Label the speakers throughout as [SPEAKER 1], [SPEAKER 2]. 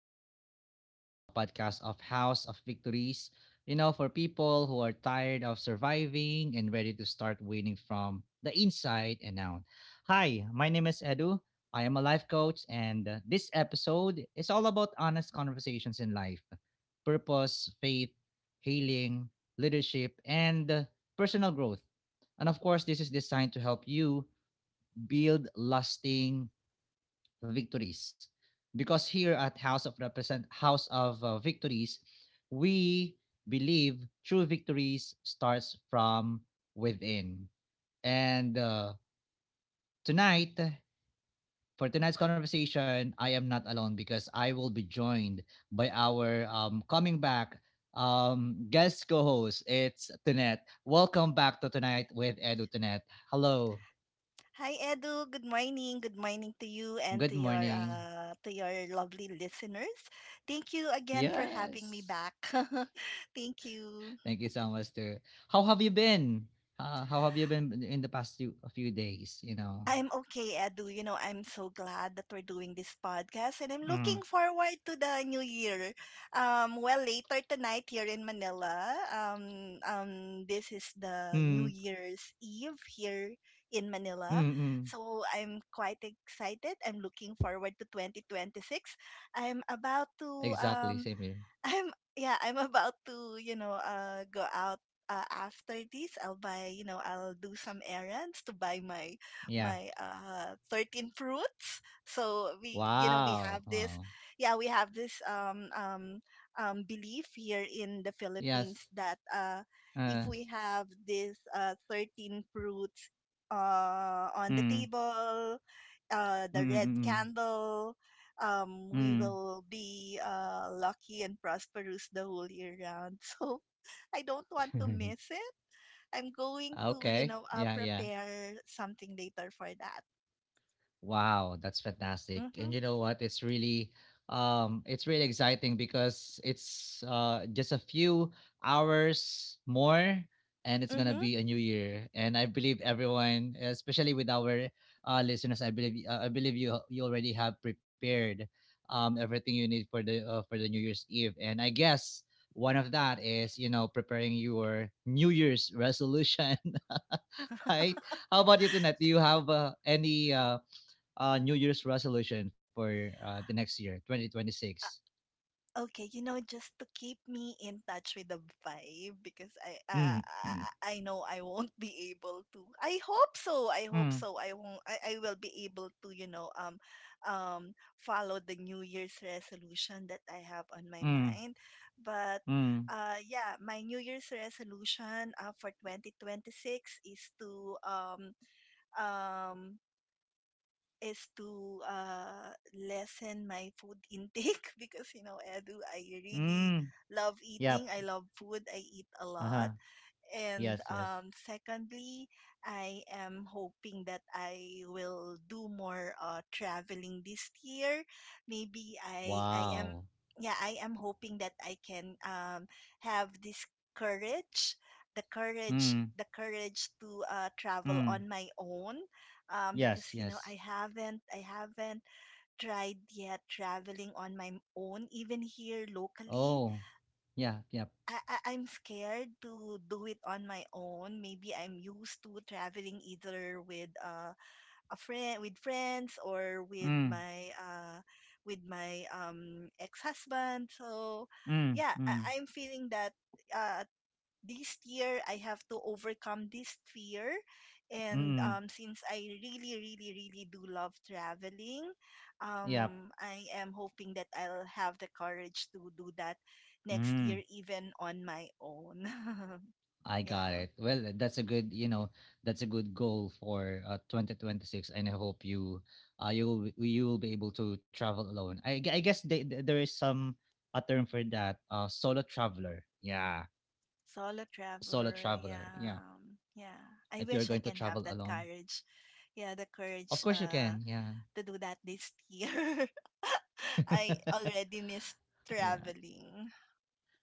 [SPEAKER 1] to Tonight with Edu, a podcast of House of Victories. You know, for people who are tired of surviving and ready to start winning from the inside and out. Hi, my name is Edu. I am a life coach, and this episode is all about honest conversations in life purpose, faith, healing, leadership, and personal growth. And of course, this is designed to help you build lasting victories because here at House of Victories, we believe true victories starts from within. And tonight, for tonight's conversation, I am not alone because I will be joined by our coming back guest co-host. It's Tunette. Welcome back to Tonight with Edu, Tunette. Hello.
[SPEAKER 2] Hi Edu, good morning. Good morning to you and
[SPEAKER 1] Good
[SPEAKER 2] to your
[SPEAKER 1] morning.
[SPEAKER 2] uh to your lovely listeners. Thank you again for having me
[SPEAKER 1] Yes.
[SPEAKER 2] back. Thank you.
[SPEAKER 1] Thank you so much too. How have you been? How have you been in the past a few days? You know.
[SPEAKER 2] I'm okay, Edu. You know, I'm so glad that we're doing this podcast
[SPEAKER 1] Mm.
[SPEAKER 2] and I'm looking forward to the new year. Well, later tonight here in Manila, this is the New
[SPEAKER 1] Mm.
[SPEAKER 2] Year's Eve here in Manila.
[SPEAKER 1] Mm. Mm.
[SPEAKER 2] So I'm quite excited. I'm looking forward to 2026. I'm about to
[SPEAKER 1] Exactly.
[SPEAKER 2] um,
[SPEAKER 1] Same here.
[SPEAKER 2] I'm yeah, I'm about to, go out after this. I'll buy, I'll do some errands to buy my
[SPEAKER 1] Yeah.
[SPEAKER 2] my uh 13 fruits. So we
[SPEAKER 1] Wow.
[SPEAKER 2] have this
[SPEAKER 1] Wow.
[SPEAKER 2] yeah, we have this belief here in the Philippines
[SPEAKER 1] Yes.
[SPEAKER 2] that if
[SPEAKER 1] Uh.
[SPEAKER 2] we have this 13 fruits on the
[SPEAKER 1] Mm.
[SPEAKER 2] table, the
[SPEAKER 1] Mm.
[SPEAKER 2] red
[SPEAKER 1] Mm.
[SPEAKER 2] candle, we
[SPEAKER 1] Mm.
[SPEAKER 2] will be lucky and prosperous the whole year round. So I don't want to
[SPEAKER 1] Mm.
[SPEAKER 2] miss it. I'm going to,
[SPEAKER 1] Okay. Yeah. Yeah.
[SPEAKER 2] prepare something later for that.
[SPEAKER 1] Wow, that's fantastic. And
[SPEAKER 2] Mm-hmm.
[SPEAKER 1] you know what? It's really exciting because it's just a few hours more, and it's going to
[SPEAKER 2] Mm-hmm.
[SPEAKER 1] be a new year. And I believe everyone, especially with our listeners, I believe you already have prepared everything you need for the New Year's Eve. And I guess one of that is, you know, preparing your New Year's resolution, right? How about you, Tunat? Do you have any New Year's resolution for the next year, 2026?
[SPEAKER 2] Okay, you know, just to keep me in touch with the vibe because I uh,
[SPEAKER 1] Mm.
[SPEAKER 2] I I know I won't be able to. I hope so. I hope
[SPEAKER 1] Mm.
[SPEAKER 2] so. I won't I will be able to, you know, follow the New Year's resolution that I have on my
[SPEAKER 1] Mm.
[SPEAKER 2] mind. But
[SPEAKER 1] Mm.
[SPEAKER 2] yeah, my New Year's resolution for 2026 is to um lessen my food intake because you know Edu, I really
[SPEAKER 1] Mm.
[SPEAKER 2] love
[SPEAKER 1] Yep.
[SPEAKER 2] eating. I love food. I eat a
[SPEAKER 1] Uh huh.
[SPEAKER 2] lot. And
[SPEAKER 1] Yes. Yes.
[SPEAKER 2] secondly, I am hoping that I will do more traveling this year. Maybe I I
[SPEAKER 1] Wow.
[SPEAKER 2] am yeah, I am hoping that I can have this courage, the courage,
[SPEAKER 1] Mm.
[SPEAKER 2] the courage to travel
[SPEAKER 1] Mm.
[SPEAKER 2] on my own, because
[SPEAKER 1] Yes.
[SPEAKER 2] I
[SPEAKER 1] Yes.
[SPEAKER 2] haven't I haven't tried yet traveling on my own even here locally.
[SPEAKER 1] Oh. Yeah. Yep.
[SPEAKER 2] I'm scared to do it on my own. Maybe I'm used to traveling either with a friend, with friends, or with
[SPEAKER 1] Mm.
[SPEAKER 2] my ex-husband. So,
[SPEAKER 1] Mm.
[SPEAKER 2] yeah,
[SPEAKER 1] Mm.
[SPEAKER 2] I'm feeling that uh, this year I have to overcome this fear. And
[SPEAKER 1] Mm. Mm.
[SPEAKER 2] since I really, really, really do love traveling,
[SPEAKER 1] Yep.
[SPEAKER 2] I am hoping that I'll have the courage to do that next
[SPEAKER 1] Mm.
[SPEAKER 2] year, even on my own.
[SPEAKER 1] I got
[SPEAKER 2] Yeah.
[SPEAKER 1] it. Well, that's a good, you know, that's a good goal for 2026, and I hope you, you will be able to travel alone. I guess there is some a term for that. Solo traveler. Yeah,
[SPEAKER 2] Solo
[SPEAKER 1] solo
[SPEAKER 2] traveler,
[SPEAKER 1] traveler. Yeah,
[SPEAKER 2] yeah, yeah. I
[SPEAKER 1] if you're
[SPEAKER 2] wish I
[SPEAKER 1] going to
[SPEAKER 2] can have
[SPEAKER 1] travel
[SPEAKER 2] that
[SPEAKER 1] alone,
[SPEAKER 2] courage, yeah, the
[SPEAKER 1] of
[SPEAKER 2] courage
[SPEAKER 1] course you can. Yeah,
[SPEAKER 2] to do that this year. I already miss
[SPEAKER 1] yeah.
[SPEAKER 2] traveling.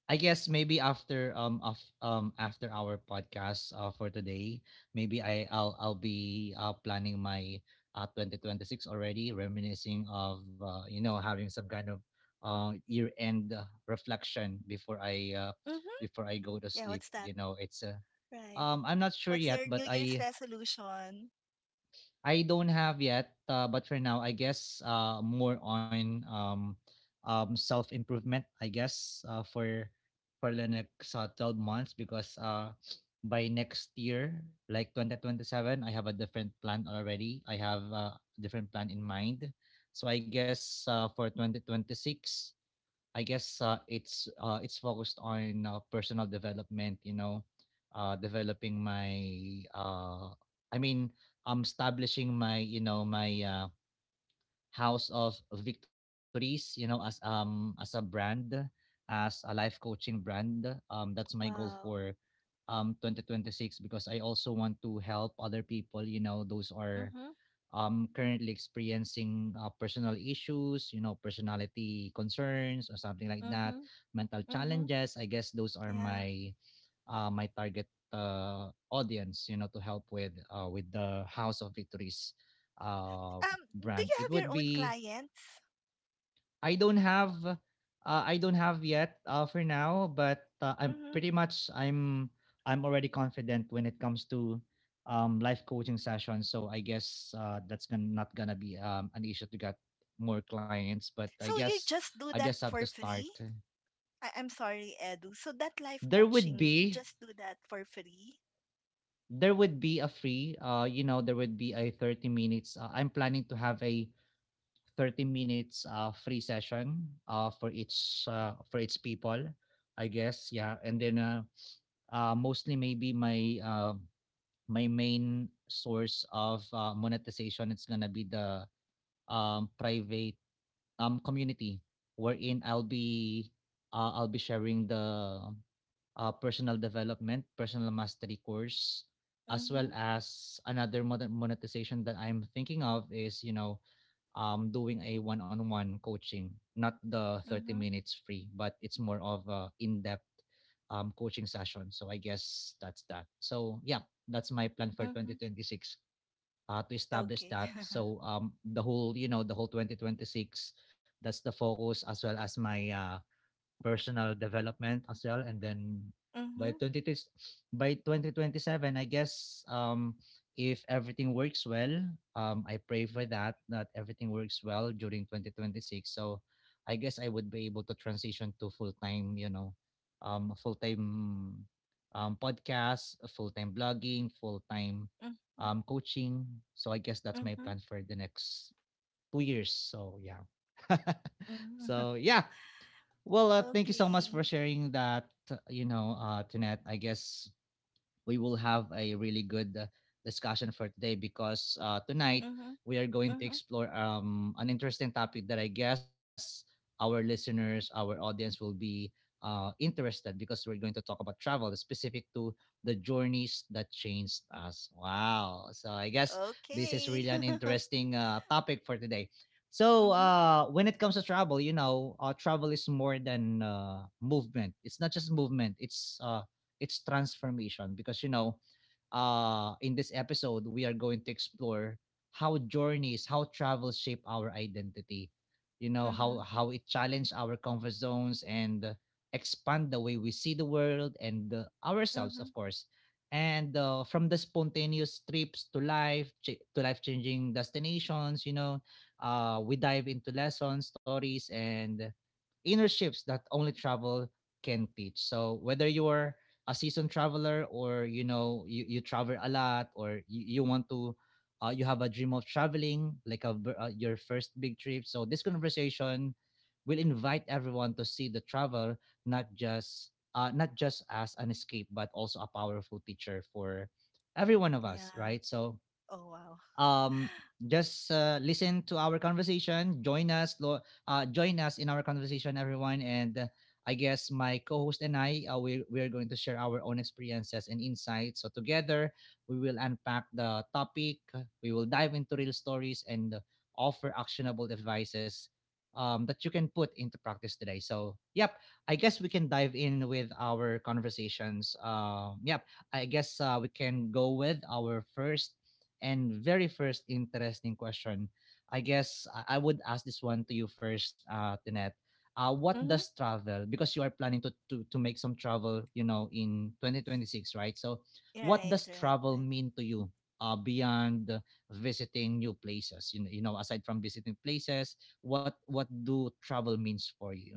[SPEAKER 1] I guess maybe after our podcast for today, maybe I'll be planning my 2026 already, reminiscing of you know, having some kind of year end reflection
[SPEAKER 2] Mm-hmm.
[SPEAKER 1] before I
[SPEAKER 2] Yeah,
[SPEAKER 1] go
[SPEAKER 2] what's
[SPEAKER 1] to
[SPEAKER 2] that?
[SPEAKER 1] sleep. You know, it's a
[SPEAKER 2] Right.
[SPEAKER 1] I'm not
[SPEAKER 2] What's your
[SPEAKER 1] sure
[SPEAKER 2] New
[SPEAKER 1] yet, but
[SPEAKER 2] Year's
[SPEAKER 1] I
[SPEAKER 2] resolution?
[SPEAKER 1] I don't have yet, but for now, I guess more on self improvement. I guess for the next 12 months because by next year, like 2027, I have a different plan already. I have a different plan in mind. So I guess for 2026, I guess it's focused on personal development. You know, developing my uh, I mean, I'm establishing my House of Victories. You know, as a brand, as a life coaching brand. That's my goal
[SPEAKER 2] Wow.
[SPEAKER 1] for 2026 because I also want to help other people. You know, those are
[SPEAKER 2] Mhm.
[SPEAKER 1] currently experiencing personal issues, you know, personality concerns or something like that,
[SPEAKER 2] Mhm.
[SPEAKER 1] mental
[SPEAKER 2] Mhm.
[SPEAKER 1] challenges. I guess those are
[SPEAKER 2] Yeah.
[SPEAKER 1] my my target audience, you know, to help with the House of Victories uh,
[SPEAKER 2] Um do
[SPEAKER 1] brand.
[SPEAKER 2] you
[SPEAKER 1] It
[SPEAKER 2] have
[SPEAKER 1] would
[SPEAKER 2] your own
[SPEAKER 1] be
[SPEAKER 2] clients?
[SPEAKER 1] I don't have yet for now, but I'm
[SPEAKER 2] Mhm.
[SPEAKER 1] pretty much I'm already confident when it comes to life coaching sessions. So I guess not gonna be an issue to get more clients. But I
[SPEAKER 2] So you
[SPEAKER 1] guess
[SPEAKER 2] just do
[SPEAKER 1] I
[SPEAKER 2] that
[SPEAKER 1] just have to
[SPEAKER 2] for
[SPEAKER 1] start.
[SPEAKER 2] free? I, I'm sorry, Edu. So that life
[SPEAKER 1] There would
[SPEAKER 2] coaching, you
[SPEAKER 1] be
[SPEAKER 2] just do that for free?
[SPEAKER 1] there would be a free you know there would be a 30 minutes I'm planning to have a 30 minutes free session for each people I guess. Yeah, and then mostly maybe my my main source of monetization, it's gonna be the private community wherein I'll be sharing the personal development personal mastery course, as well
[SPEAKER 2] Mhm.
[SPEAKER 1] as another mon- monetization that I'm thinking of is, you know, doing a one-on-one coaching, not the thirty
[SPEAKER 2] Mhm.
[SPEAKER 1] minutes free, but it's more of a in-depth coaching session. So I guess that's that. So yeah, that's my plan for twenty
[SPEAKER 2] Mhm.
[SPEAKER 1] twenty six to establish
[SPEAKER 2] Okay.
[SPEAKER 1] that. So the whole, you know, the whole 2026, that's the focus, as well as my personal development as well. And then by
[SPEAKER 2] Mhm.
[SPEAKER 1] 20, by 2027, I guess if everything works well, I pray for that, that everything works well during 2026. So I guess I would be able to transition to full-time, you know, full-time podcast, full-time blogging, full-time
[SPEAKER 2] Mhm.
[SPEAKER 1] coaching. So I guess that's
[SPEAKER 2] Mhm.
[SPEAKER 1] my
[SPEAKER 2] Mhm.
[SPEAKER 1] plan for the next 2 years. So yeah. So yeah, well, thank you so much for
[SPEAKER 2] Okay.
[SPEAKER 1] sharing that, Tunette. I guess we will have a really good discussion for today because tonight
[SPEAKER 2] Mhm.
[SPEAKER 1] we are going to
[SPEAKER 2] Mhm.
[SPEAKER 1] explore an interesting topic that I guess our listeners, our audience will be interested, because we're going to talk about travel specific to the journeys that changed us. Wow. So I guess this is
[SPEAKER 2] Okay.
[SPEAKER 1] really an interesting topic for today. So
[SPEAKER 2] Mhm.
[SPEAKER 1] when it comes to travel, you know, travel is more than movement. It's not just movement. It's its transformation, because you know, in this episode we are going to explore how journeys, how travel shape our identity, you know, how
[SPEAKER 2] Mhm.
[SPEAKER 1] how it challenge our comfort zones, and expand the way we see the world and ourselves,
[SPEAKER 2] Mhm.
[SPEAKER 1] of course. And from the spontaneous trips to to life changing destinations, you know, we dive into lessons, stories, and inner shifts that only travel can teach. So whether you're a seasoned traveler, or you know, you travel a lot, or you want to you have a dream of traveling, like a your first big trip, so this conversation will invite everyone to see the travel not just not just as an escape, but also a powerful teacher for every one of us,
[SPEAKER 2] Yeah.
[SPEAKER 1] right? So
[SPEAKER 2] Oh wow.
[SPEAKER 1] um, just listen to our conversation. Join us in our conversation, everyone. And I guess my co-host and I, we are going to share our own experiences and insights. So together, we will unpack the topic. We will dive into real stories, and offer actionable advices that you can put into practice today. So, yep, I guess we can dive in with our conversations. Yep, I guess we can go with our first and very first interesting question. I guess I would ask this one to you first, Tinet. What
[SPEAKER 2] Mm-hmm.
[SPEAKER 1] does travel? Because you are planning to, to make some travel, you know, in 2026, right? So, what
[SPEAKER 2] Right,
[SPEAKER 1] does
[SPEAKER 2] right,
[SPEAKER 1] travel
[SPEAKER 2] right,
[SPEAKER 1] mean to you? Beyond visiting new places, you know, aside from visiting places, what do travel means for you?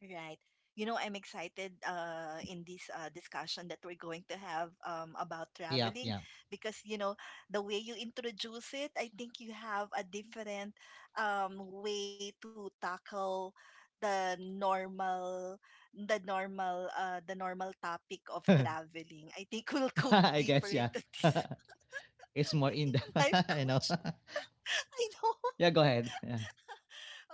[SPEAKER 2] right. You know, I'm excited in this discussion that we're going to have about
[SPEAKER 1] Yeah,
[SPEAKER 2] traveling
[SPEAKER 1] yeah.
[SPEAKER 2] because you know, the way you introduce it, I think you have a different way to tackle the normal the normal topic of traveling. I think we'll go
[SPEAKER 1] I guess
[SPEAKER 2] deeper
[SPEAKER 1] yeah.
[SPEAKER 2] into this
[SPEAKER 1] It's more in
[SPEAKER 2] being a
[SPEAKER 1] depth,
[SPEAKER 2] life
[SPEAKER 1] you know.
[SPEAKER 2] coach. I know.
[SPEAKER 1] Yeah, go ahead. Yeah.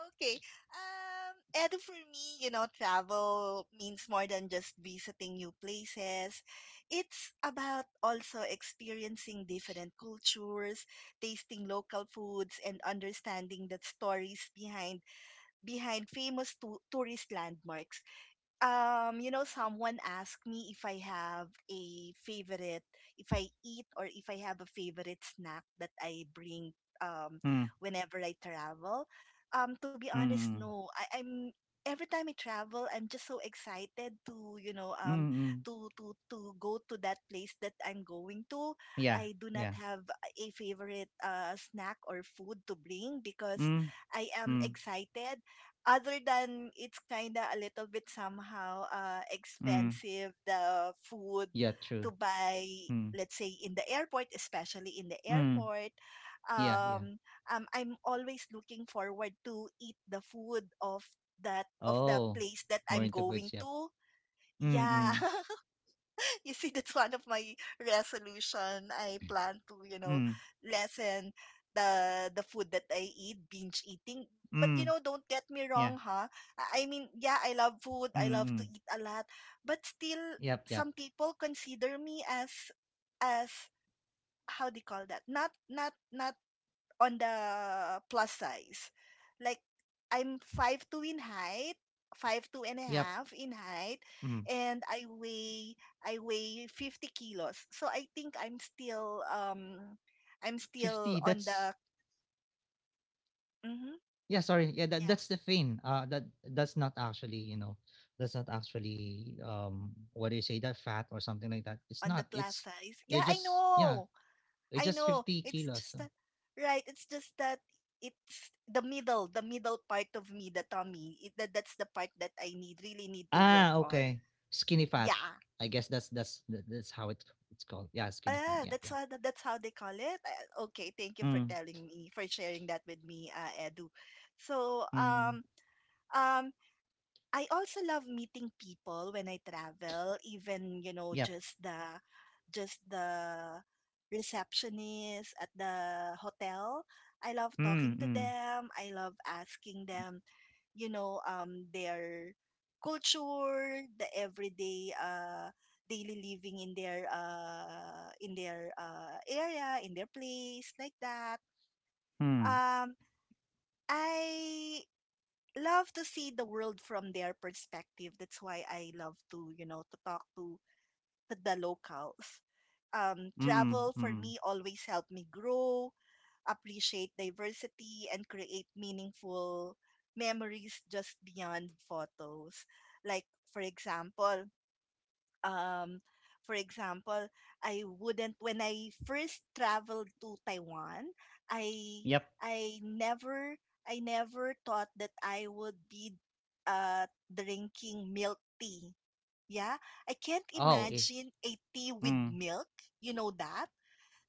[SPEAKER 2] Okay. And for me, you know, travel means more than just visiting new places. It's about also experiencing different cultures, tasting local foods, and understanding the stories behind famous tourist landmarks. You know, someone asked me if I have a favorite, if I eat or if I have a favorite snack that I bring um
[SPEAKER 1] Mm.
[SPEAKER 2] whenever I travel. To be
[SPEAKER 1] Mm.
[SPEAKER 2] honest,
[SPEAKER 1] mm.
[SPEAKER 2] no. I, I'm every time I travel, I'm just so excited to, you know,
[SPEAKER 1] Mm, mm.
[SPEAKER 2] to go to that place that I'm going to.
[SPEAKER 1] Yeah,
[SPEAKER 2] I do not
[SPEAKER 1] yeah.
[SPEAKER 2] have a favorite snack or food to bring because
[SPEAKER 1] Mm.
[SPEAKER 2] I am
[SPEAKER 1] mm,
[SPEAKER 2] excited, other than it's kind of a little bit somehow
[SPEAKER 1] mm.
[SPEAKER 2] expensive, the food
[SPEAKER 1] Yeah, true.
[SPEAKER 2] to buy,
[SPEAKER 1] Mm,
[SPEAKER 2] let's say in the airport,
[SPEAKER 1] mm. Yeah, yeah.
[SPEAKER 2] um, I'm always looking forward to eat the food of that of the
[SPEAKER 1] Oh,
[SPEAKER 2] place that
[SPEAKER 1] more
[SPEAKER 2] I'm
[SPEAKER 1] into
[SPEAKER 2] going
[SPEAKER 1] foods, yep.
[SPEAKER 2] to.
[SPEAKER 1] Mm.
[SPEAKER 2] Yeah.
[SPEAKER 1] mm,
[SPEAKER 2] You see, that's one of my resolution. I plan to, you know,
[SPEAKER 1] mm,
[SPEAKER 2] lessen the food that I eat, binge eating. But you
[SPEAKER 1] mm.
[SPEAKER 2] know, don't get
[SPEAKER 1] Yeah.
[SPEAKER 2] me wrong, huh? Yeah, I love
[SPEAKER 1] Mm,
[SPEAKER 2] food. I
[SPEAKER 1] mm.
[SPEAKER 2] love to eat a lot. But still,
[SPEAKER 1] Yep, yep.
[SPEAKER 2] some people consider me as how do you call that? not on the plus size. Like, I'm 5'2" in height, 5'2" and a
[SPEAKER 1] Yep.
[SPEAKER 2] half in height,
[SPEAKER 1] Mm.
[SPEAKER 2] and I weigh 50 kilos. So I think I'm still
[SPEAKER 1] 50,
[SPEAKER 2] on
[SPEAKER 1] that's
[SPEAKER 2] the mm-hmm,
[SPEAKER 1] yeah, sorry. Yeah, that,
[SPEAKER 2] yeah,
[SPEAKER 1] that's the thing. That that's not actually, you know, that's not actually what do you say that, fat or something like that. It's
[SPEAKER 2] on the
[SPEAKER 1] not.
[SPEAKER 2] plus
[SPEAKER 1] It's
[SPEAKER 2] size.
[SPEAKER 1] it
[SPEAKER 2] Yeah, I
[SPEAKER 1] just yeah,
[SPEAKER 2] know,
[SPEAKER 1] it's
[SPEAKER 2] I
[SPEAKER 1] just
[SPEAKER 2] know.
[SPEAKER 1] 50
[SPEAKER 2] It's
[SPEAKER 1] kilos.
[SPEAKER 2] just
[SPEAKER 1] So.
[SPEAKER 2] that right. It's just that it's the middle part of me, the tummy, that that's the part that I need really need to work
[SPEAKER 1] Ah,
[SPEAKER 2] on
[SPEAKER 1] okay. Skinny fat.
[SPEAKER 2] yeah.
[SPEAKER 1] I guess that's how it's called. Yeah, skinny fat.
[SPEAKER 2] Ah,
[SPEAKER 1] Yeah,
[SPEAKER 2] that's
[SPEAKER 1] yeah.
[SPEAKER 2] what, that's how they call it. Ah, okay, thank you for
[SPEAKER 1] Mm,
[SPEAKER 2] telling me, for sharing that with me, Edu. So,
[SPEAKER 1] mm,
[SPEAKER 2] um, I also love meeting people when I travel, even, you know,
[SPEAKER 1] yep.
[SPEAKER 2] just the receptionist at the hotel. I love
[SPEAKER 1] Mm,
[SPEAKER 2] talking to
[SPEAKER 1] mm,
[SPEAKER 2] them. I love asking them, you know, their culture, the everyday daily living in their area, in their place, like that.
[SPEAKER 1] mm,
[SPEAKER 2] Um I love to see the world from their perspective. That's why I love to, you know, to talk to the locals.
[SPEAKER 1] mm,
[SPEAKER 2] Travel for
[SPEAKER 1] mm,
[SPEAKER 2] me always helped me grow, appreciate diversity, and create meaningful memories just beyond photos. Like, for example, um for example I wouldn't when I first traveled to Taiwan, i
[SPEAKER 1] yep.
[SPEAKER 2] i never I never thought that I would be uh drinking milk tea, yeah. I can't
[SPEAKER 1] Oh, eh,
[SPEAKER 2] imagine a tea with
[SPEAKER 1] mm,
[SPEAKER 2] milk, you know that.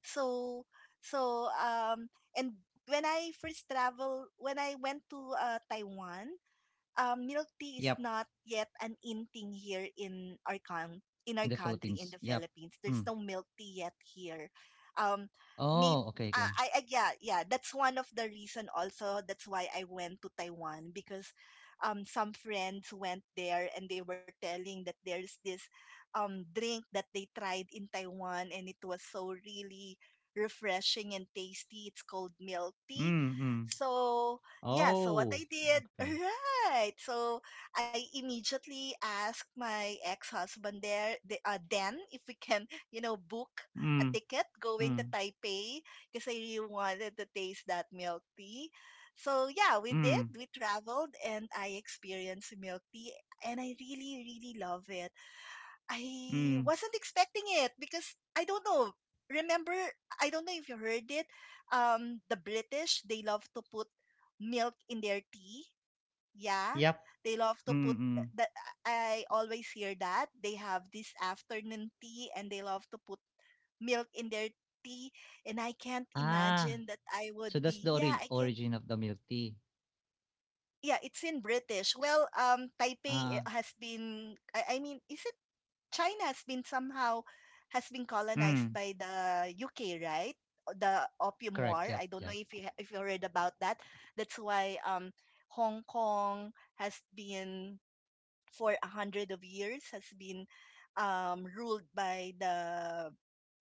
[SPEAKER 2] So so um and when I first travel when I went to Taiwan, milk tea
[SPEAKER 1] yep.
[SPEAKER 2] is not yet an in thing here in our coun in
[SPEAKER 1] In
[SPEAKER 2] our
[SPEAKER 1] the
[SPEAKER 2] country in
[SPEAKER 1] Philippines.
[SPEAKER 2] the
[SPEAKER 1] Yep.
[SPEAKER 2] Philippines. There's
[SPEAKER 1] Mm.
[SPEAKER 2] no milk tea yet here. Um, may
[SPEAKER 1] Oh, okay, okay.
[SPEAKER 2] I- yeah, yeah, that's one of the reason also that's why I went to Taiwan, because some friends went there and they were telling that there's this drink that they tried in Taiwan and it was so really refreshing and tasty. It's called milk tea.
[SPEAKER 1] Mm. mm,
[SPEAKER 2] So yeah, so what I
[SPEAKER 1] Oh,
[SPEAKER 2] did,
[SPEAKER 1] okay.
[SPEAKER 2] right? Right. So I immediately asked my ex-husband there, Dan, if we can, you know, book a
[SPEAKER 1] Mm,
[SPEAKER 2] ticket going to
[SPEAKER 1] mm,
[SPEAKER 2] Taipei because I really wanted to taste that milk tea. So yeah, we did.
[SPEAKER 1] mm,
[SPEAKER 2] We traveled and I experienced milk tea and I really, really love it. I
[SPEAKER 1] mm,
[SPEAKER 2] wasn't expecting it because I don't know. Remember, I don't know if you heard it. The British, they love to put milk in their tea, yeah,
[SPEAKER 1] yep.
[SPEAKER 2] they love to
[SPEAKER 1] Mm,
[SPEAKER 2] put
[SPEAKER 1] mm.
[SPEAKER 2] that. I always hear that they have this afternoon tea and they love to put milk in their tea. And I can't
[SPEAKER 1] Ah,
[SPEAKER 2] imagine that I
[SPEAKER 1] so
[SPEAKER 2] would
[SPEAKER 1] that's
[SPEAKER 2] be.
[SPEAKER 1] the
[SPEAKER 2] Yeah,
[SPEAKER 1] ori
[SPEAKER 2] I can't.
[SPEAKER 1] origin of the milk tea.
[SPEAKER 2] Yeah, it's in British.
[SPEAKER 1] S-
[SPEAKER 2] Well,
[SPEAKER 1] Ah,
[SPEAKER 2] Taipei I- has been. I mean, is it China has been somehow has been colonized
[SPEAKER 1] mm.
[SPEAKER 2] by the UK, right? The Opium
[SPEAKER 1] Correct.
[SPEAKER 2] War.
[SPEAKER 1] Yep,
[SPEAKER 2] I don't
[SPEAKER 1] yep.
[SPEAKER 2] know if if you heard about that. That's why Hong Kong has been for a hundred of years has been ruled by the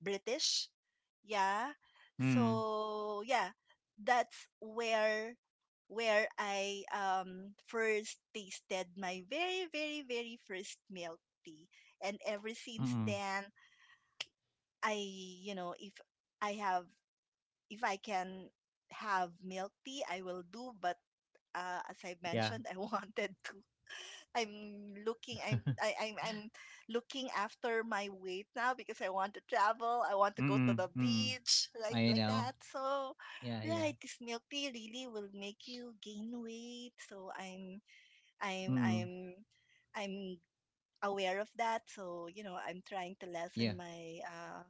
[SPEAKER 2] British. Yeah.
[SPEAKER 1] Mm.
[SPEAKER 2] So yeah, that's where I first tasted my very, very, very first milk tea, and ever since
[SPEAKER 1] mm.
[SPEAKER 2] then, I you know if I have if I can have milk tea, I will do. But as I
[SPEAKER 1] Yeah.
[SPEAKER 2] mentioned, I wanted to I'm looking I'm I, I'm looking after my weight now because I want to travel, I want to go to
[SPEAKER 1] Mm,
[SPEAKER 2] the
[SPEAKER 1] mm.
[SPEAKER 2] beach,
[SPEAKER 1] I
[SPEAKER 2] like
[SPEAKER 1] know.
[SPEAKER 2] that. So
[SPEAKER 1] Yeah, yeah.
[SPEAKER 2] right, because milk tea really will make you gain weight. So I'm
[SPEAKER 1] Mm,
[SPEAKER 2] I'm I'm aware of that. So, you know, I'm trying to
[SPEAKER 1] yeah.
[SPEAKER 2] lessen my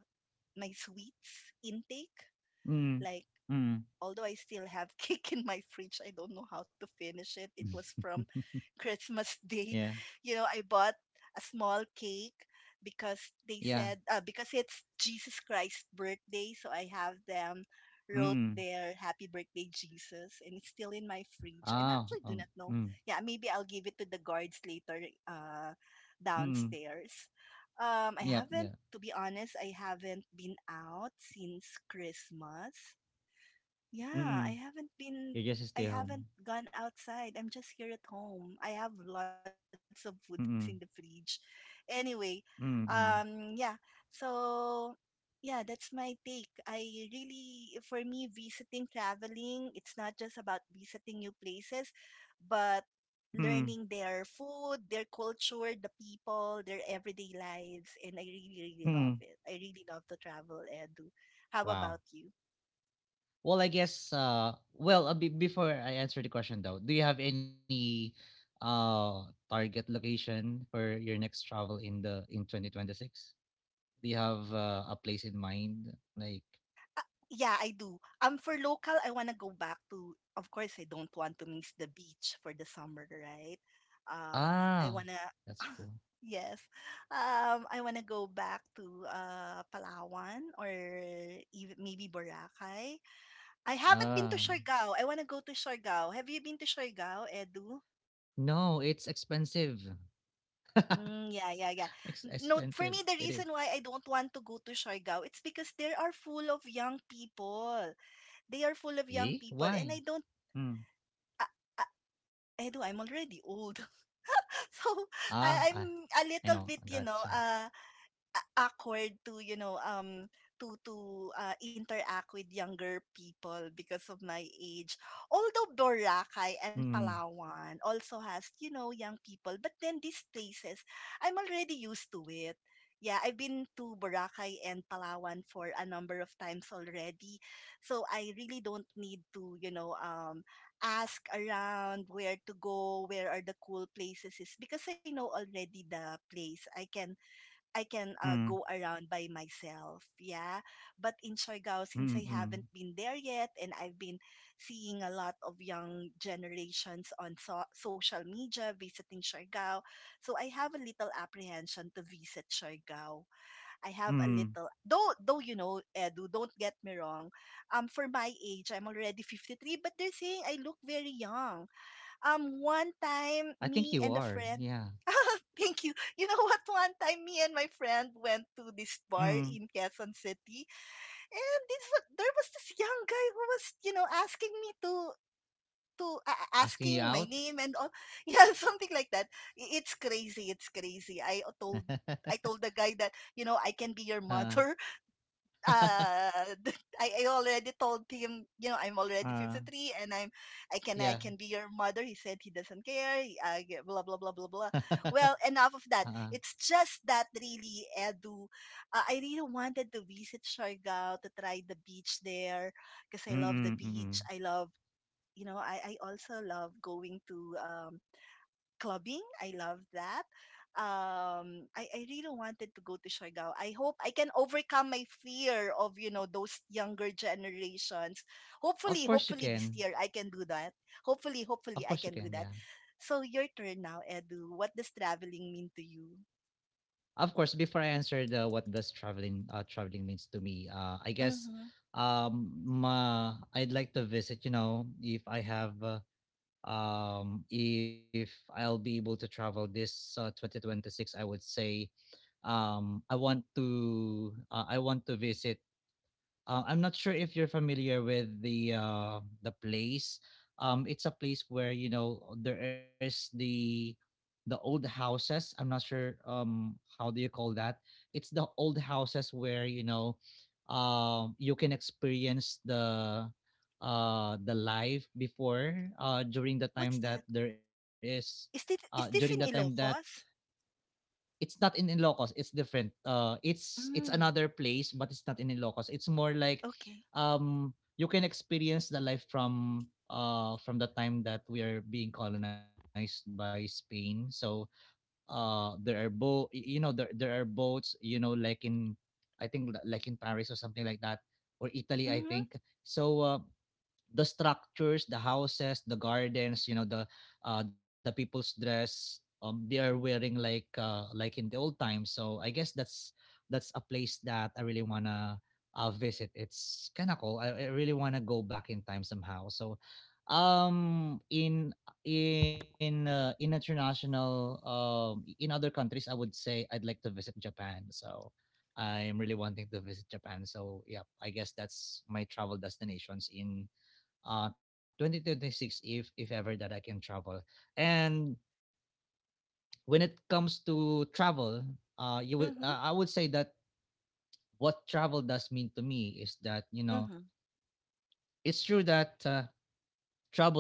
[SPEAKER 2] my sweets intake.
[SPEAKER 1] Mm.
[SPEAKER 2] Like,
[SPEAKER 1] mm.
[SPEAKER 2] although I still have cake in my fridge, I don't know how to finish it. It was from Christmas Day.
[SPEAKER 1] Yeah,
[SPEAKER 2] You know, I bought a small cake because they
[SPEAKER 1] yeah.
[SPEAKER 2] said because it's Jesus Christ's birthday, so I have them wrote
[SPEAKER 1] Mm.
[SPEAKER 2] their happy birthday Jesus, and it's still in my fridge. I am
[SPEAKER 1] Oh,
[SPEAKER 2] actually do not know.
[SPEAKER 1] mm,
[SPEAKER 2] Yeah, maybe I'll give it to the guards later
[SPEAKER 1] mm.
[SPEAKER 2] downstairs. I
[SPEAKER 1] Yep, yeah.
[SPEAKER 2] haven't, to be honest, I haven't been out since Christmas. Yeah,
[SPEAKER 1] Mm. You
[SPEAKER 2] I
[SPEAKER 1] just stay
[SPEAKER 2] haven't
[SPEAKER 1] home.
[SPEAKER 2] gone outside. I'm just here at home. I have lots of foods in the fridge.
[SPEAKER 1] Mm,
[SPEAKER 2] Anyway, yeah.
[SPEAKER 1] mm,
[SPEAKER 2] So yeah, that's my take. I really for me visiting, traveling, it's not just about visiting new places, but
[SPEAKER 1] mm,
[SPEAKER 2] learning their food, their culture, the people, their everyday lives, and I really really love
[SPEAKER 1] mm.
[SPEAKER 2] it. I really love to travel, Edu. How
[SPEAKER 1] Wow.
[SPEAKER 2] about you?
[SPEAKER 1] Well, I guess, be before I answer the question though, do you have any uh target location for your next travel in the in 2026? Do you have a place in mind? Like,
[SPEAKER 2] Ah, yeah, I do. For local, I wanna go back to. Of course, I don't want to miss the beach for the summer, right? Um, I
[SPEAKER 1] ah,
[SPEAKER 2] wanna.
[SPEAKER 1] that's cool.
[SPEAKER 2] Yes, I wanna go back to Palawan or even maybe Boracay. I haven't been to
[SPEAKER 1] Ah,
[SPEAKER 2] Siargao. I wanna go to Siargao. Have you been to Siargao, Edu?
[SPEAKER 1] no, it's expensive.
[SPEAKER 2] Mm, yeah, yeah, yeah.
[SPEAKER 1] Ex-
[SPEAKER 2] No, for me,
[SPEAKER 1] expensive.
[SPEAKER 2] the reason
[SPEAKER 1] It is.
[SPEAKER 2] why I don't want to go to Siargao, it's because they are full of young people. They are full of young people,
[SPEAKER 1] Eh?
[SPEAKER 2] and I don't
[SPEAKER 1] Why? Mm.
[SPEAKER 2] I I I know I'm already old. So
[SPEAKER 1] Ah,
[SPEAKER 2] I'm
[SPEAKER 1] I,
[SPEAKER 2] a
[SPEAKER 1] I
[SPEAKER 2] little
[SPEAKER 1] know.
[SPEAKER 2] bit,
[SPEAKER 1] Gotcha.
[SPEAKER 2] awkward to to to interact with younger people because of my age, although Boracay and
[SPEAKER 1] Mm.
[SPEAKER 2] Palawan also has young people, but then these places I'm already used to it. Yeah, I've been to Boracay and Palawan for a number of times already, so I really don't need to ask around where to go, where are the cool places is, because I know already the place I can I can
[SPEAKER 1] mm,
[SPEAKER 2] go around by myself. Yeah. But in Siargao, since
[SPEAKER 1] mm,
[SPEAKER 2] I haven't
[SPEAKER 1] mm,
[SPEAKER 2] been there yet and I've been seeing a lot of young generations on social media visiting Siargao, so I have a little apprehension to visit Siargao. I have a
[SPEAKER 1] mm.
[SPEAKER 2] little, though, you know, Edu, don't get me wrong. For my age, I'm already 53, but they're saying I look very young. One
[SPEAKER 1] I
[SPEAKER 2] time,
[SPEAKER 1] think you
[SPEAKER 2] me
[SPEAKER 1] are.
[SPEAKER 2] and a
[SPEAKER 1] Yeah.
[SPEAKER 2] friend. Thank you. You know what? One time, me and my friend went to this bar
[SPEAKER 1] Mm.
[SPEAKER 2] in Quezon City, and there was this young guy who was, you know, asking me to
[SPEAKER 1] Asking you
[SPEAKER 2] asking my
[SPEAKER 1] out?
[SPEAKER 2] name and all. Yeah, something like that. It's crazy. It's crazy. I told the guy that you know I can be your
[SPEAKER 1] Uh,
[SPEAKER 2] mother, uh I already told him, you know, I'm already
[SPEAKER 1] uh,
[SPEAKER 2] 53, and I can i
[SPEAKER 1] yeah.
[SPEAKER 2] can be your mother. He said he doesn't care. He blah blah blah blah blah.
[SPEAKER 1] Uh,
[SPEAKER 2] Well, enough of that. It's just that really, Edu, I really wanted to visit Siargao to try the beach there because
[SPEAKER 1] mm.
[SPEAKER 2] I love the
[SPEAKER 1] mm, mm,
[SPEAKER 2] beach.
[SPEAKER 1] mm.
[SPEAKER 2] I love, you know, I also love going to clubbing. I love that. I really wanted to go to Siargao. I hope I can overcome my fear of, you know, those younger generations.
[SPEAKER 1] Of
[SPEAKER 2] Hopefully,
[SPEAKER 1] course you
[SPEAKER 2] hopefully this
[SPEAKER 1] can.
[SPEAKER 2] year I can do that. Hopefully,
[SPEAKER 1] Of
[SPEAKER 2] hopefully I
[SPEAKER 1] course you
[SPEAKER 2] can do
[SPEAKER 1] can.
[SPEAKER 2] that.
[SPEAKER 1] Yeah.
[SPEAKER 2] So your turn now, Edu. What does traveling mean to you?
[SPEAKER 1] Of course, before I answer the what does traveling means to me, I guess
[SPEAKER 2] Mm-hmm.
[SPEAKER 1] I'd like to visit, you know, if I have if I'll be able to travel this 2026, I would say. I want to I want to visit I'm not sure if you're familiar with the place. It's a place where, you know, there is the old houses. I'm not sure how do you call that. It's the old houses where, you know, you can experience the life before, during the
[SPEAKER 2] What's
[SPEAKER 1] time
[SPEAKER 2] that?
[SPEAKER 1] that
[SPEAKER 2] Is
[SPEAKER 1] uh during the time
[SPEAKER 2] this in
[SPEAKER 1] that
[SPEAKER 2] Ilocos?
[SPEAKER 1] it's not in Ilocos, it's different. It's
[SPEAKER 2] Mm,
[SPEAKER 1] another place, but it's not in Ilocos. It's more like,
[SPEAKER 2] okay.
[SPEAKER 1] you can experience the life from the time that we are being colonized by Spain. So there are bo you know there are boats, you know, like in, I think, like in Paris or something like that, or Italy, I
[SPEAKER 2] Mm-hmm.
[SPEAKER 1] think. So the structures, the houses, the gardens, you know, the people's dress, they are wearing like in the old times. So I guess that's a place that I really wanna visit. It's kind of cool. I really wanna go back in time somehow. So um in in international, in other countries, I would say, I'd like to visit Japan. So I'm really wanting to visit Japan. So yeah, I guess that's my travel destinations in 2026, if ever that I can travel. And when it comes to travel, you would
[SPEAKER 2] Mm-hmm.
[SPEAKER 1] I would say that what travel does mean to me is that, you know,
[SPEAKER 2] Mm-hmm.
[SPEAKER 1] it's true that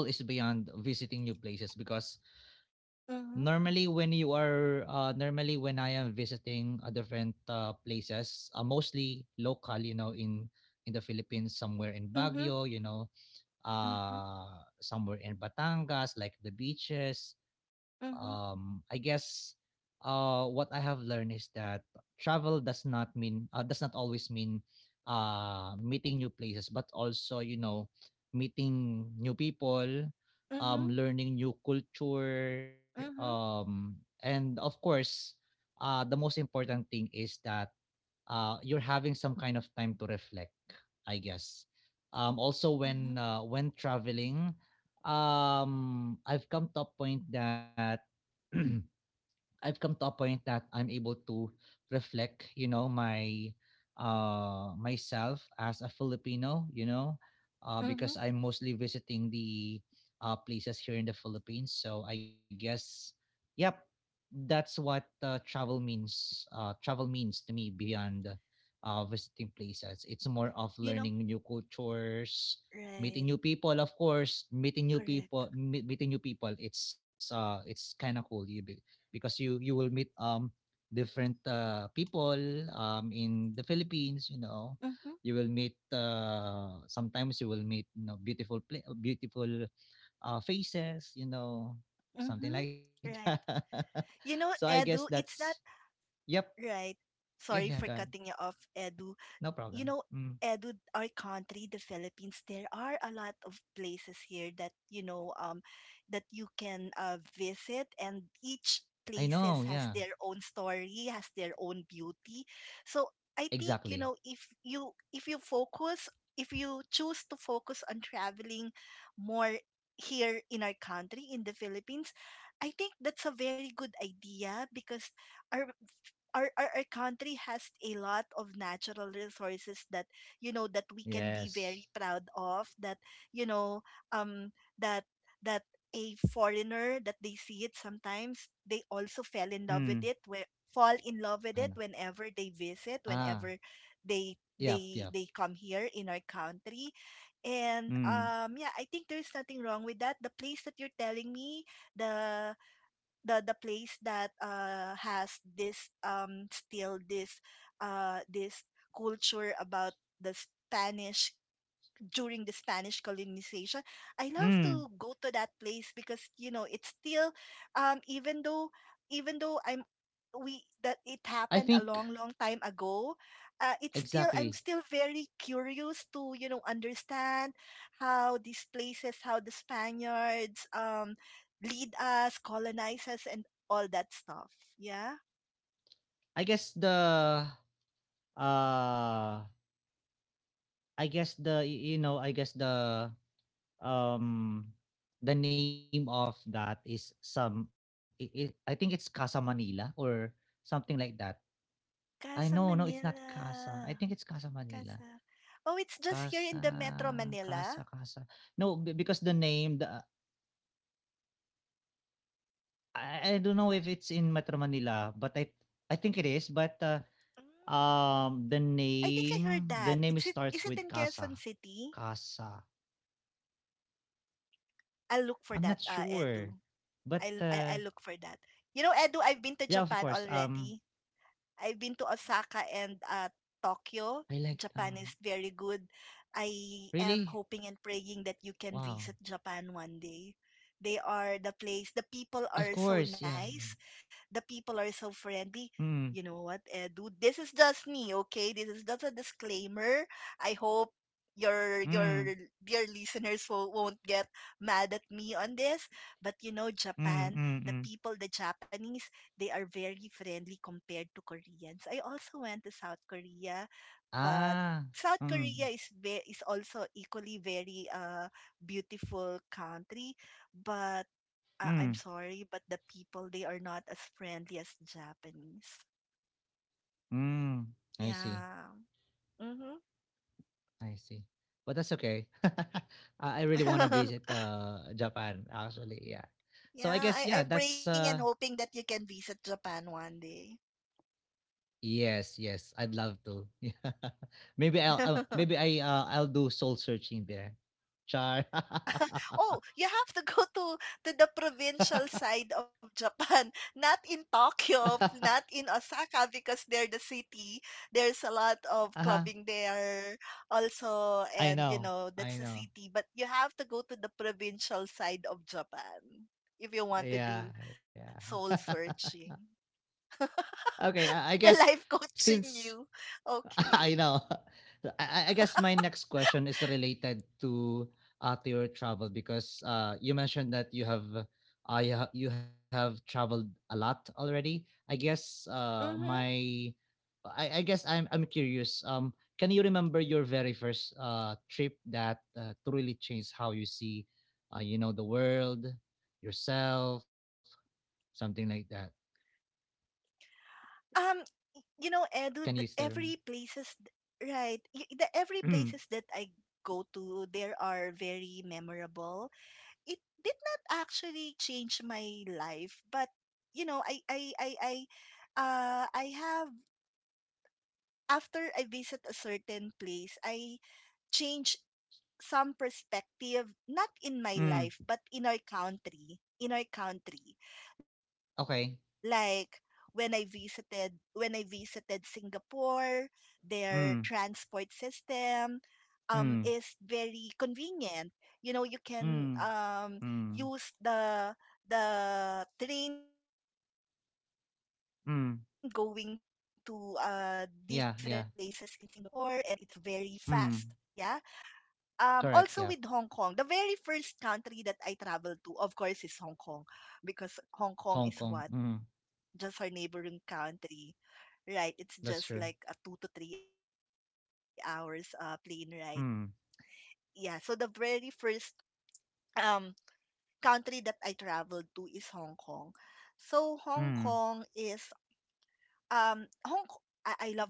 [SPEAKER 1] travel is beyond visiting new places, because
[SPEAKER 2] Mm-hmm.
[SPEAKER 1] normally when I am visiting a different places, mostly local, you know, in the Philippines, somewhere in
[SPEAKER 2] Mm-hmm.
[SPEAKER 1] Baguio, you know,
[SPEAKER 2] Mm-hmm.
[SPEAKER 1] somewhere in Batangas, like the beaches.
[SPEAKER 2] Mm-hmm.
[SPEAKER 1] I guess what I have learned is that travel does not mean does not always mean meeting new places, but also, you know, meeting new people,
[SPEAKER 2] Mm-hmm.
[SPEAKER 1] learning new culture,
[SPEAKER 2] Mm-hmm.
[SPEAKER 1] and of course, the most important thing is that you're having some kind of time to reflect, I guess. Also,
[SPEAKER 2] Mm-hmm.
[SPEAKER 1] when traveling, I've come to a point that I've come to a point that I'm able to reflect, you know, my myself as a Filipino, you know,
[SPEAKER 2] Mm-hmm.
[SPEAKER 1] because I'm mostly visiting the places here in the Philippines. So I guess yep, that's what travel means. Travel means to me beyond visiting places. It's more of
[SPEAKER 2] You know,
[SPEAKER 1] learning new cultures, meeting
[SPEAKER 2] right.
[SPEAKER 1] new people of course meeting new
[SPEAKER 2] Correct.
[SPEAKER 1] people me- meeting new people. It's it's kind of cool, because you will meet different people in the Philippines. You know,
[SPEAKER 2] Mm-hmm.
[SPEAKER 1] you will meet sometimes you will meet, you know, beautiful faces. You know, something like
[SPEAKER 2] Mm-hmm. Right.
[SPEAKER 1] that.
[SPEAKER 2] You know,
[SPEAKER 1] So I guess
[SPEAKER 2] Edu, it's not
[SPEAKER 1] that's yep.
[SPEAKER 2] right. Sorry
[SPEAKER 1] Yeah,
[SPEAKER 2] for
[SPEAKER 1] yeah,
[SPEAKER 2] cutting you
[SPEAKER 1] God,
[SPEAKER 2] off, Edu. You
[SPEAKER 1] no
[SPEAKER 2] know,
[SPEAKER 1] problem.
[SPEAKER 2] Edu,
[SPEAKER 1] Mm.
[SPEAKER 2] our country, the Philippines, there are a lot of places here that that you can visit, and each
[SPEAKER 1] I
[SPEAKER 2] places
[SPEAKER 1] know.
[SPEAKER 2] has
[SPEAKER 1] Yeah,
[SPEAKER 2] their own story, has their own beauty. So I think, you
[SPEAKER 1] exactly.
[SPEAKER 2] know, if you focus, if you choose to focus on traveling more here in our country in the Philippines, I think that's a very good idea because our our country has a lot of natural resources that you know that we can be
[SPEAKER 1] Yes.
[SPEAKER 2] very proud of that, you know, um that that a foreigner that they see it sometimes they also fell in
[SPEAKER 1] Mm.
[SPEAKER 2] love with it, where fall in love
[SPEAKER 1] I
[SPEAKER 2] with
[SPEAKER 1] know.
[SPEAKER 2] it whenever they visit,
[SPEAKER 1] Ah,
[SPEAKER 2] whenever they
[SPEAKER 1] yep,
[SPEAKER 2] they
[SPEAKER 1] yep.
[SPEAKER 2] they come here in our country. And
[SPEAKER 1] Mm.
[SPEAKER 2] yeah, I think there's nothing wrong with that. The place that you're telling me, the the place that has this still this this culture about the Spanish, during the Spanish colonization. I love
[SPEAKER 1] Mm.
[SPEAKER 2] to go to that place because you know it's still even though I'm we that it
[SPEAKER 1] I
[SPEAKER 2] happened a
[SPEAKER 1] think
[SPEAKER 2] long long time ago, it's still, I'm still
[SPEAKER 1] exactly.
[SPEAKER 2] very curious to, you know, understand how these places, how the Spaniards lead us, colonize us, and all that stuff. Yeah.
[SPEAKER 1] I guess the uh I guess the y- you know I guess um the name of that is some I think it's Casa Manila or something like that. I
[SPEAKER 2] Casa
[SPEAKER 1] know, no it's not
[SPEAKER 2] Manila.
[SPEAKER 1] Casa. I think it's Casa Manila.
[SPEAKER 2] Casa Oh, it's just here in
[SPEAKER 1] Casa
[SPEAKER 2] the Metro Manila.
[SPEAKER 1] Casa. No be- because the name the I don't know if it's in Metro Manila, but I think it is, but
[SPEAKER 2] Mm.
[SPEAKER 1] the
[SPEAKER 2] I think I heard that
[SPEAKER 1] name
[SPEAKER 2] it's, it is
[SPEAKER 1] starts
[SPEAKER 2] it
[SPEAKER 1] with
[SPEAKER 2] in
[SPEAKER 1] Casa.
[SPEAKER 2] Quezon City?
[SPEAKER 1] Casa.
[SPEAKER 2] I'll look for
[SPEAKER 1] I'm
[SPEAKER 2] that,
[SPEAKER 1] not
[SPEAKER 2] Edu.
[SPEAKER 1] sure, but uh.
[SPEAKER 2] I'll look for that. You know, Edu, I've been to
[SPEAKER 1] Yeah, of
[SPEAKER 2] Japan
[SPEAKER 1] course.
[SPEAKER 2] already. I've been to Osaka and Tokyo.
[SPEAKER 1] I like
[SPEAKER 2] Japan is very good. I am
[SPEAKER 1] really?
[SPEAKER 2] hoping and praying that you can
[SPEAKER 1] Wow.
[SPEAKER 2] visit Japan one day. They are the place, the people
[SPEAKER 1] Of
[SPEAKER 2] are so
[SPEAKER 1] course. Yeah, yeah.
[SPEAKER 2] nice, the people are so friendly. You
[SPEAKER 1] Mm,
[SPEAKER 2] know what, Edu? This is just me, okay? This is just a disclaimer. I hope your
[SPEAKER 1] mm,
[SPEAKER 2] dear listeners won't get mad at me on this. But you know,
[SPEAKER 1] mm,
[SPEAKER 2] Japan,
[SPEAKER 1] mm,
[SPEAKER 2] the
[SPEAKER 1] mm.
[SPEAKER 2] people, the Japanese, they are very friendly compared to Koreans. I also went to South Korea, but
[SPEAKER 1] Ah.
[SPEAKER 2] South
[SPEAKER 1] Mm,
[SPEAKER 2] Korea is is also equally very beautiful country, but I'm
[SPEAKER 1] mm,
[SPEAKER 2] sorry, but the people they are not as friendly as Japanese.
[SPEAKER 1] mm. I see.
[SPEAKER 2] Yeah. Mhm.
[SPEAKER 1] I see. But that's okay. I really want to visit Japan. Actually, yeah. So I
[SPEAKER 2] Yeah,
[SPEAKER 1] guess yeah.
[SPEAKER 2] I'm praying
[SPEAKER 1] That's
[SPEAKER 2] and
[SPEAKER 1] uh.
[SPEAKER 2] hoping that you can visit Japan one day.
[SPEAKER 1] Yes. Yes. I'd love to. Yeah. Maybe I'll. Maybe I. I'll do soul searching there. Char.
[SPEAKER 2] Oh, you have to go to the provincial side of Japan, not in Tokyo, not in Osaka because they're the city. There's a lot of
[SPEAKER 1] Uh-huh.
[SPEAKER 2] clubbing there also,
[SPEAKER 1] I
[SPEAKER 2] and you
[SPEAKER 1] know.
[SPEAKER 2] know,
[SPEAKER 1] I
[SPEAKER 2] that's the
[SPEAKER 1] know.
[SPEAKER 2] city, but you have to go to the provincial side of Japan if you want to
[SPEAKER 1] Yeah,
[SPEAKER 2] do soul
[SPEAKER 1] yeah.
[SPEAKER 2] searching.
[SPEAKER 1] Okay, I
[SPEAKER 2] The
[SPEAKER 1] guess
[SPEAKER 2] life coaching
[SPEAKER 1] since
[SPEAKER 2] you. Okay.
[SPEAKER 1] I know, I guess my next question is related to your travel, because you mentioned that you have traveled a lot already. I guess
[SPEAKER 2] Mhm.
[SPEAKER 1] my I guess I'm curious. Can you remember your very first trip that truly changed how you see, you know, the world, yourself, something like that.
[SPEAKER 2] Um, you know,
[SPEAKER 1] Can you
[SPEAKER 2] Edu,
[SPEAKER 1] still remember?
[SPEAKER 2] every places, The every
[SPEAKER 1] Mm,
[SPEAKER 2] places that I go to, there are very memorable. It did not actually change my life, but you know, I have after I visit a certain place, I change some perspective, not in my
[SPEAKER 1] mm,
[SPEAKER 2] life but in our country, in our country, like
[SPEAKER 1] Okay.
[SPEAKER 2] when I visited Singapore, their transport
[SPEAKER 1] mm,
[SPEAKER 2] system is
[SPEAKER 1] mm,
[SPEAKER 2] very convenient. You know, you can
[SPEAKER 1] mm,
[SPEAKER 2] use
[SPEAKER 1] mm,
[SPEAKER 2] the train going to different places in
[SPEAKER 1] mm,
[SPEAKER 2] Singapore, and it's very fast.
[SPEAKER 1] Yeah, yeah.
[SPEAKER 2] Yeah. Also with Hong Kong,
[SPEAKER 1] mm,
[SPEAKER 2] the very first country that I
[SPEAKER 1] Correct. Yeah.
[SPEAKER 2] traveled to, of course, is Hong Kong. Because Hong Kong is what? Just
[SPEAKER 1] Hong
[SPEAKER 2] our
[SPEAKER 1] Kong.
[SPEAKER 2] neighboring
[SPEAKER 1] Mm,
[SPEAKER 2] country, right? It's just like a 2 to 3 hours
[SPEAKER 1] That's true.
[SPEAKER 2] plane ride. Yeah, so the very first
[SPEAKER 1] Mm,
[SPEAKER 2] um, country that I traveled to is Hong Kong. So Hong Kong is, um, Hong
[SPEAKER 1] mm,
[SPEAKER 2] K- I love Hong Kong also because of the food, yeah.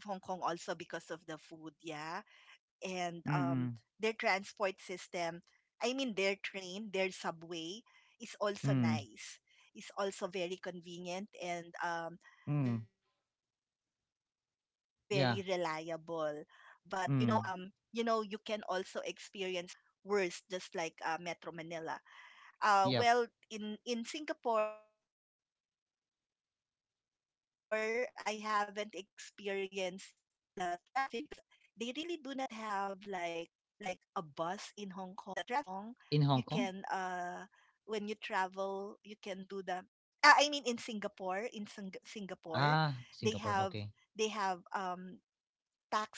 [SPEAKER 2] And their transport system, I mean
[SPEAKER 1] mm,
[SPEAKER 2] their train, their subway is also nice. It's also very convenient
[SPEAKER 1] mm,
[SPEAKER 2] and very reliable.
[SPEAKER 1] mm,
[SPEAKER 2] But you know, you know, you can also
[SPEAKER 1] Yeah.
[SPEAKER 2] experience traffic in Hong Kong. The
[SPEAKER 1] mm.
[SPEAKER 2] traffic in Hong Kong can also be, you know, worse, just like Metro Manila.
[SPEAKER 1] Yep.
[SPEAKER 2] Well, in Singapore, I haven't experienced the traffic because they really do not have like a bus in Hong Kong. You can
[SPEAKER 1] In Hong Kong?
[SPEAKER 2] when you travel, you can do the I mean in Singapore, in
[SPEAKER 1] Ah,
[SPEAKER 2] Singapore,
[SPEAKER 1] Singapore.
[SPEAKER 2] they
[SPEAKER 1] Okay.
[SPEAKER 2] have they have um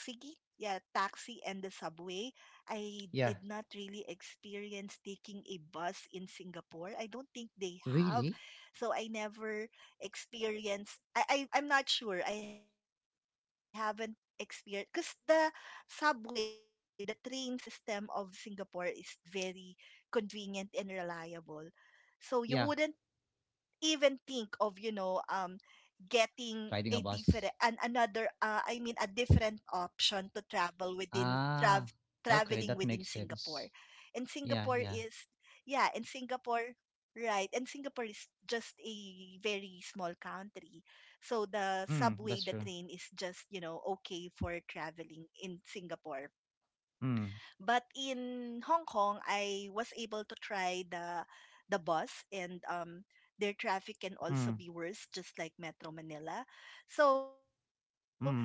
[SPEAKER 2] taxi, yeah, taxi and the subway.
[SPEAKER 1] Yeah.
[SPEAKER 2] I did not really experience taking a bus in Singapore. I don't think they
[SPEAKER 1] Really?
[SPEAKER 2] have. So I never experienced, I'm not sure. I haven't experienced because the subway, the train system of Singapore is very convenient and reliable. So you wouldn't
[SPEAKER 1] Yeah.
[SPEAKER 2] even think of, you know, getting a different
[SPEAKER 1] Riding a
[SPEAKER 2] an
[SPEAKER 1] bus.
[SPEAKER 2] another I mean a different option to travel within traveling
[SPEAKER 1] Ah,
[SPEAKER 2] within
[SPEAKER 1] okay.
[SPEAKER 2] Singapore.
[SPEAKER 1] That makes
[SPEAKER 2] And
[SPEAKER 1] sense.
[SPEAKER 2] Singapore is,
[SPEAKER 1] Yeah, yeah.
[SPEAKER 2] yeah, and Singapore, right, and Singapore is just a very small country. So the
[SPEAKER 1] Mm, that's
[SPEAKER 2] subway,
[SPEAKER 1] true.
[SPEAKER 2] the train is just, you know, okay for traveling in Singapore.
[SPEAKER 1] Mm,
[SPEAKER 2] But in Hong Kong, I was able to try the bus, and their traffic can
[SPEAKER 1] mm.
[SPEAKER 2] also be worse, just like Metro Manila. So, as
[SPEAKER 1] Mm,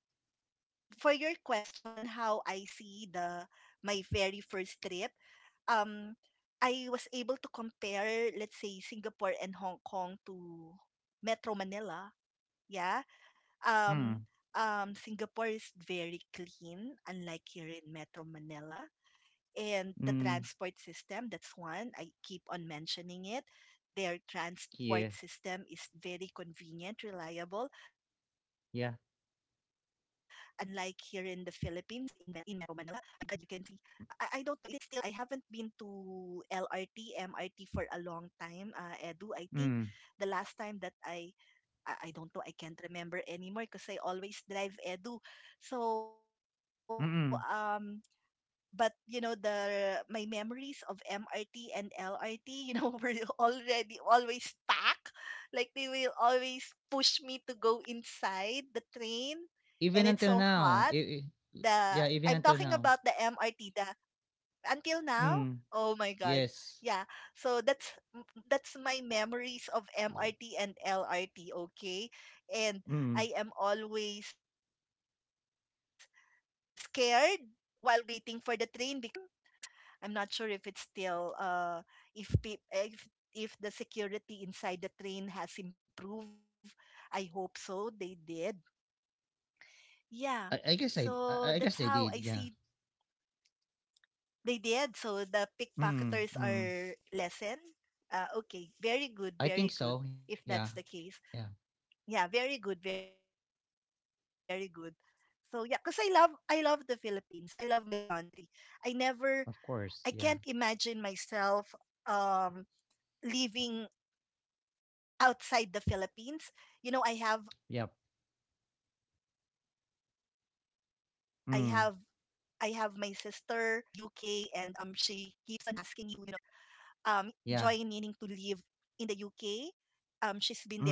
[SPEAKER 2] for your question, how I see the my very first trip, um I was able to compare, let's say Singapore and Hong Kong to Metro Manila, yeah. Um
[SPEAKER 1] mm,
[SPEAKER 2] Singapore is very clean, unlike here in Metro Manila, and the
[SPEAKER 1] mm,
[SPEAKER 2] transport system, that's one. I keep on mentioning it. Their
[SPEAKER 1] yeah,
[SPEAKER 2] transport system is very convenient, reliable.
[SPEAKER 1] yeah,
[SPEAKER 2] Unlike here in the Philippines, in Metro Manila, my God, you can see. I don't know. Is it still? I haven't been to LRT, MRT for a long time. Edu, I
[SPEAKER 1] mm,
[SPEAKER 2] think the last time that I don't know. I can't remember anymore because I always drive, Edu.
[SPEAKER 1] mm.
[SPEAKER 2] So, but you know the my memories of MRT and LRT were already always packed like they will always push me to go inside the train
[SPEAKER 1] Even
[SPEAKER 2] and
[SPEAKER 1] until
[SPEAKER 2] it's so
[SPEAKER 1] now,
[SPEAKER 2] hot,
[SPEAKER 1] i-
[SPEAKER 2] the
[SPEAKER 1] yeah, even
[SPEAKER 2] I'm
[SPEAKER 1] until
[SPEAKER 2] talking
[SPEAKER 1] now.
[SPEAKER 2] about the MRT, the until now.
[SPEAKER 1] Mm,
[SPEAKER 2] Oh my God, yeah.
[SPEAKER 1] yes.
[SPEAKER 2] So that's my memories of MRT
[SPEAKER 1] Uh,
[SPEAKER 2] and LRT, okay. And I am
[SPEAKER 1] Mm.
[SPEAKER 2] always scared while waiting for the train because there are pickpockets during my time. I'm not sure if it's still, if pe- if the security inside the train has improved. I hope so. They did.
[SPEAKER 1] I,
[SPEAKER 2] Yeah.
[SPEAKER 1] I guess I I
[SPEAKER 2] So
[SPEAKER 1] guess they
[SPEAKER 2] that's
[SPEAKER 1] did,
[SPEAKER 2] how I
[SPEAKER 1] yeah.
[SPEAKER 2] see, they did. So the
[SPEAKER 1] Mm,
[SPEAKER 2] pickpocketers
[SPEAKER 1] mm.
[SPEAKER 2] are lessened. Okay. Very
[SPEAKER 1] I
[SPEAKER 2] good.
[SPEAKER 1] think
[SPEAKER 2] Very
[SPEAKER 1] so, yeah.
[SPEAKER 2] good. If
[SPEAKER 1] Yeah,
[SPEAKER 2] that's the case. Yeah, very good, very good. So yeah, because I love the Philippines. I love my country. I never
[SPEAKER 1] of
[SPEAKER 2] I
[SPEAKER 1] course, yeah.
[SPEAKER 2] can't imagine myself um living outside the Philippines. You know, I
[SPEAKER 1] Yep.
[SPEAKER 2] have I have my sister in the UK,
[SPEAKER 1] Mm,
[SPEAKER 2] and she keeps on asking me to, join her there.
[SPEAKER 1] yeah.
[SPEAKER 2] Um Join meaning to live in the
[SPEAKER 1] Mm.
[SPEAKER 2] UK.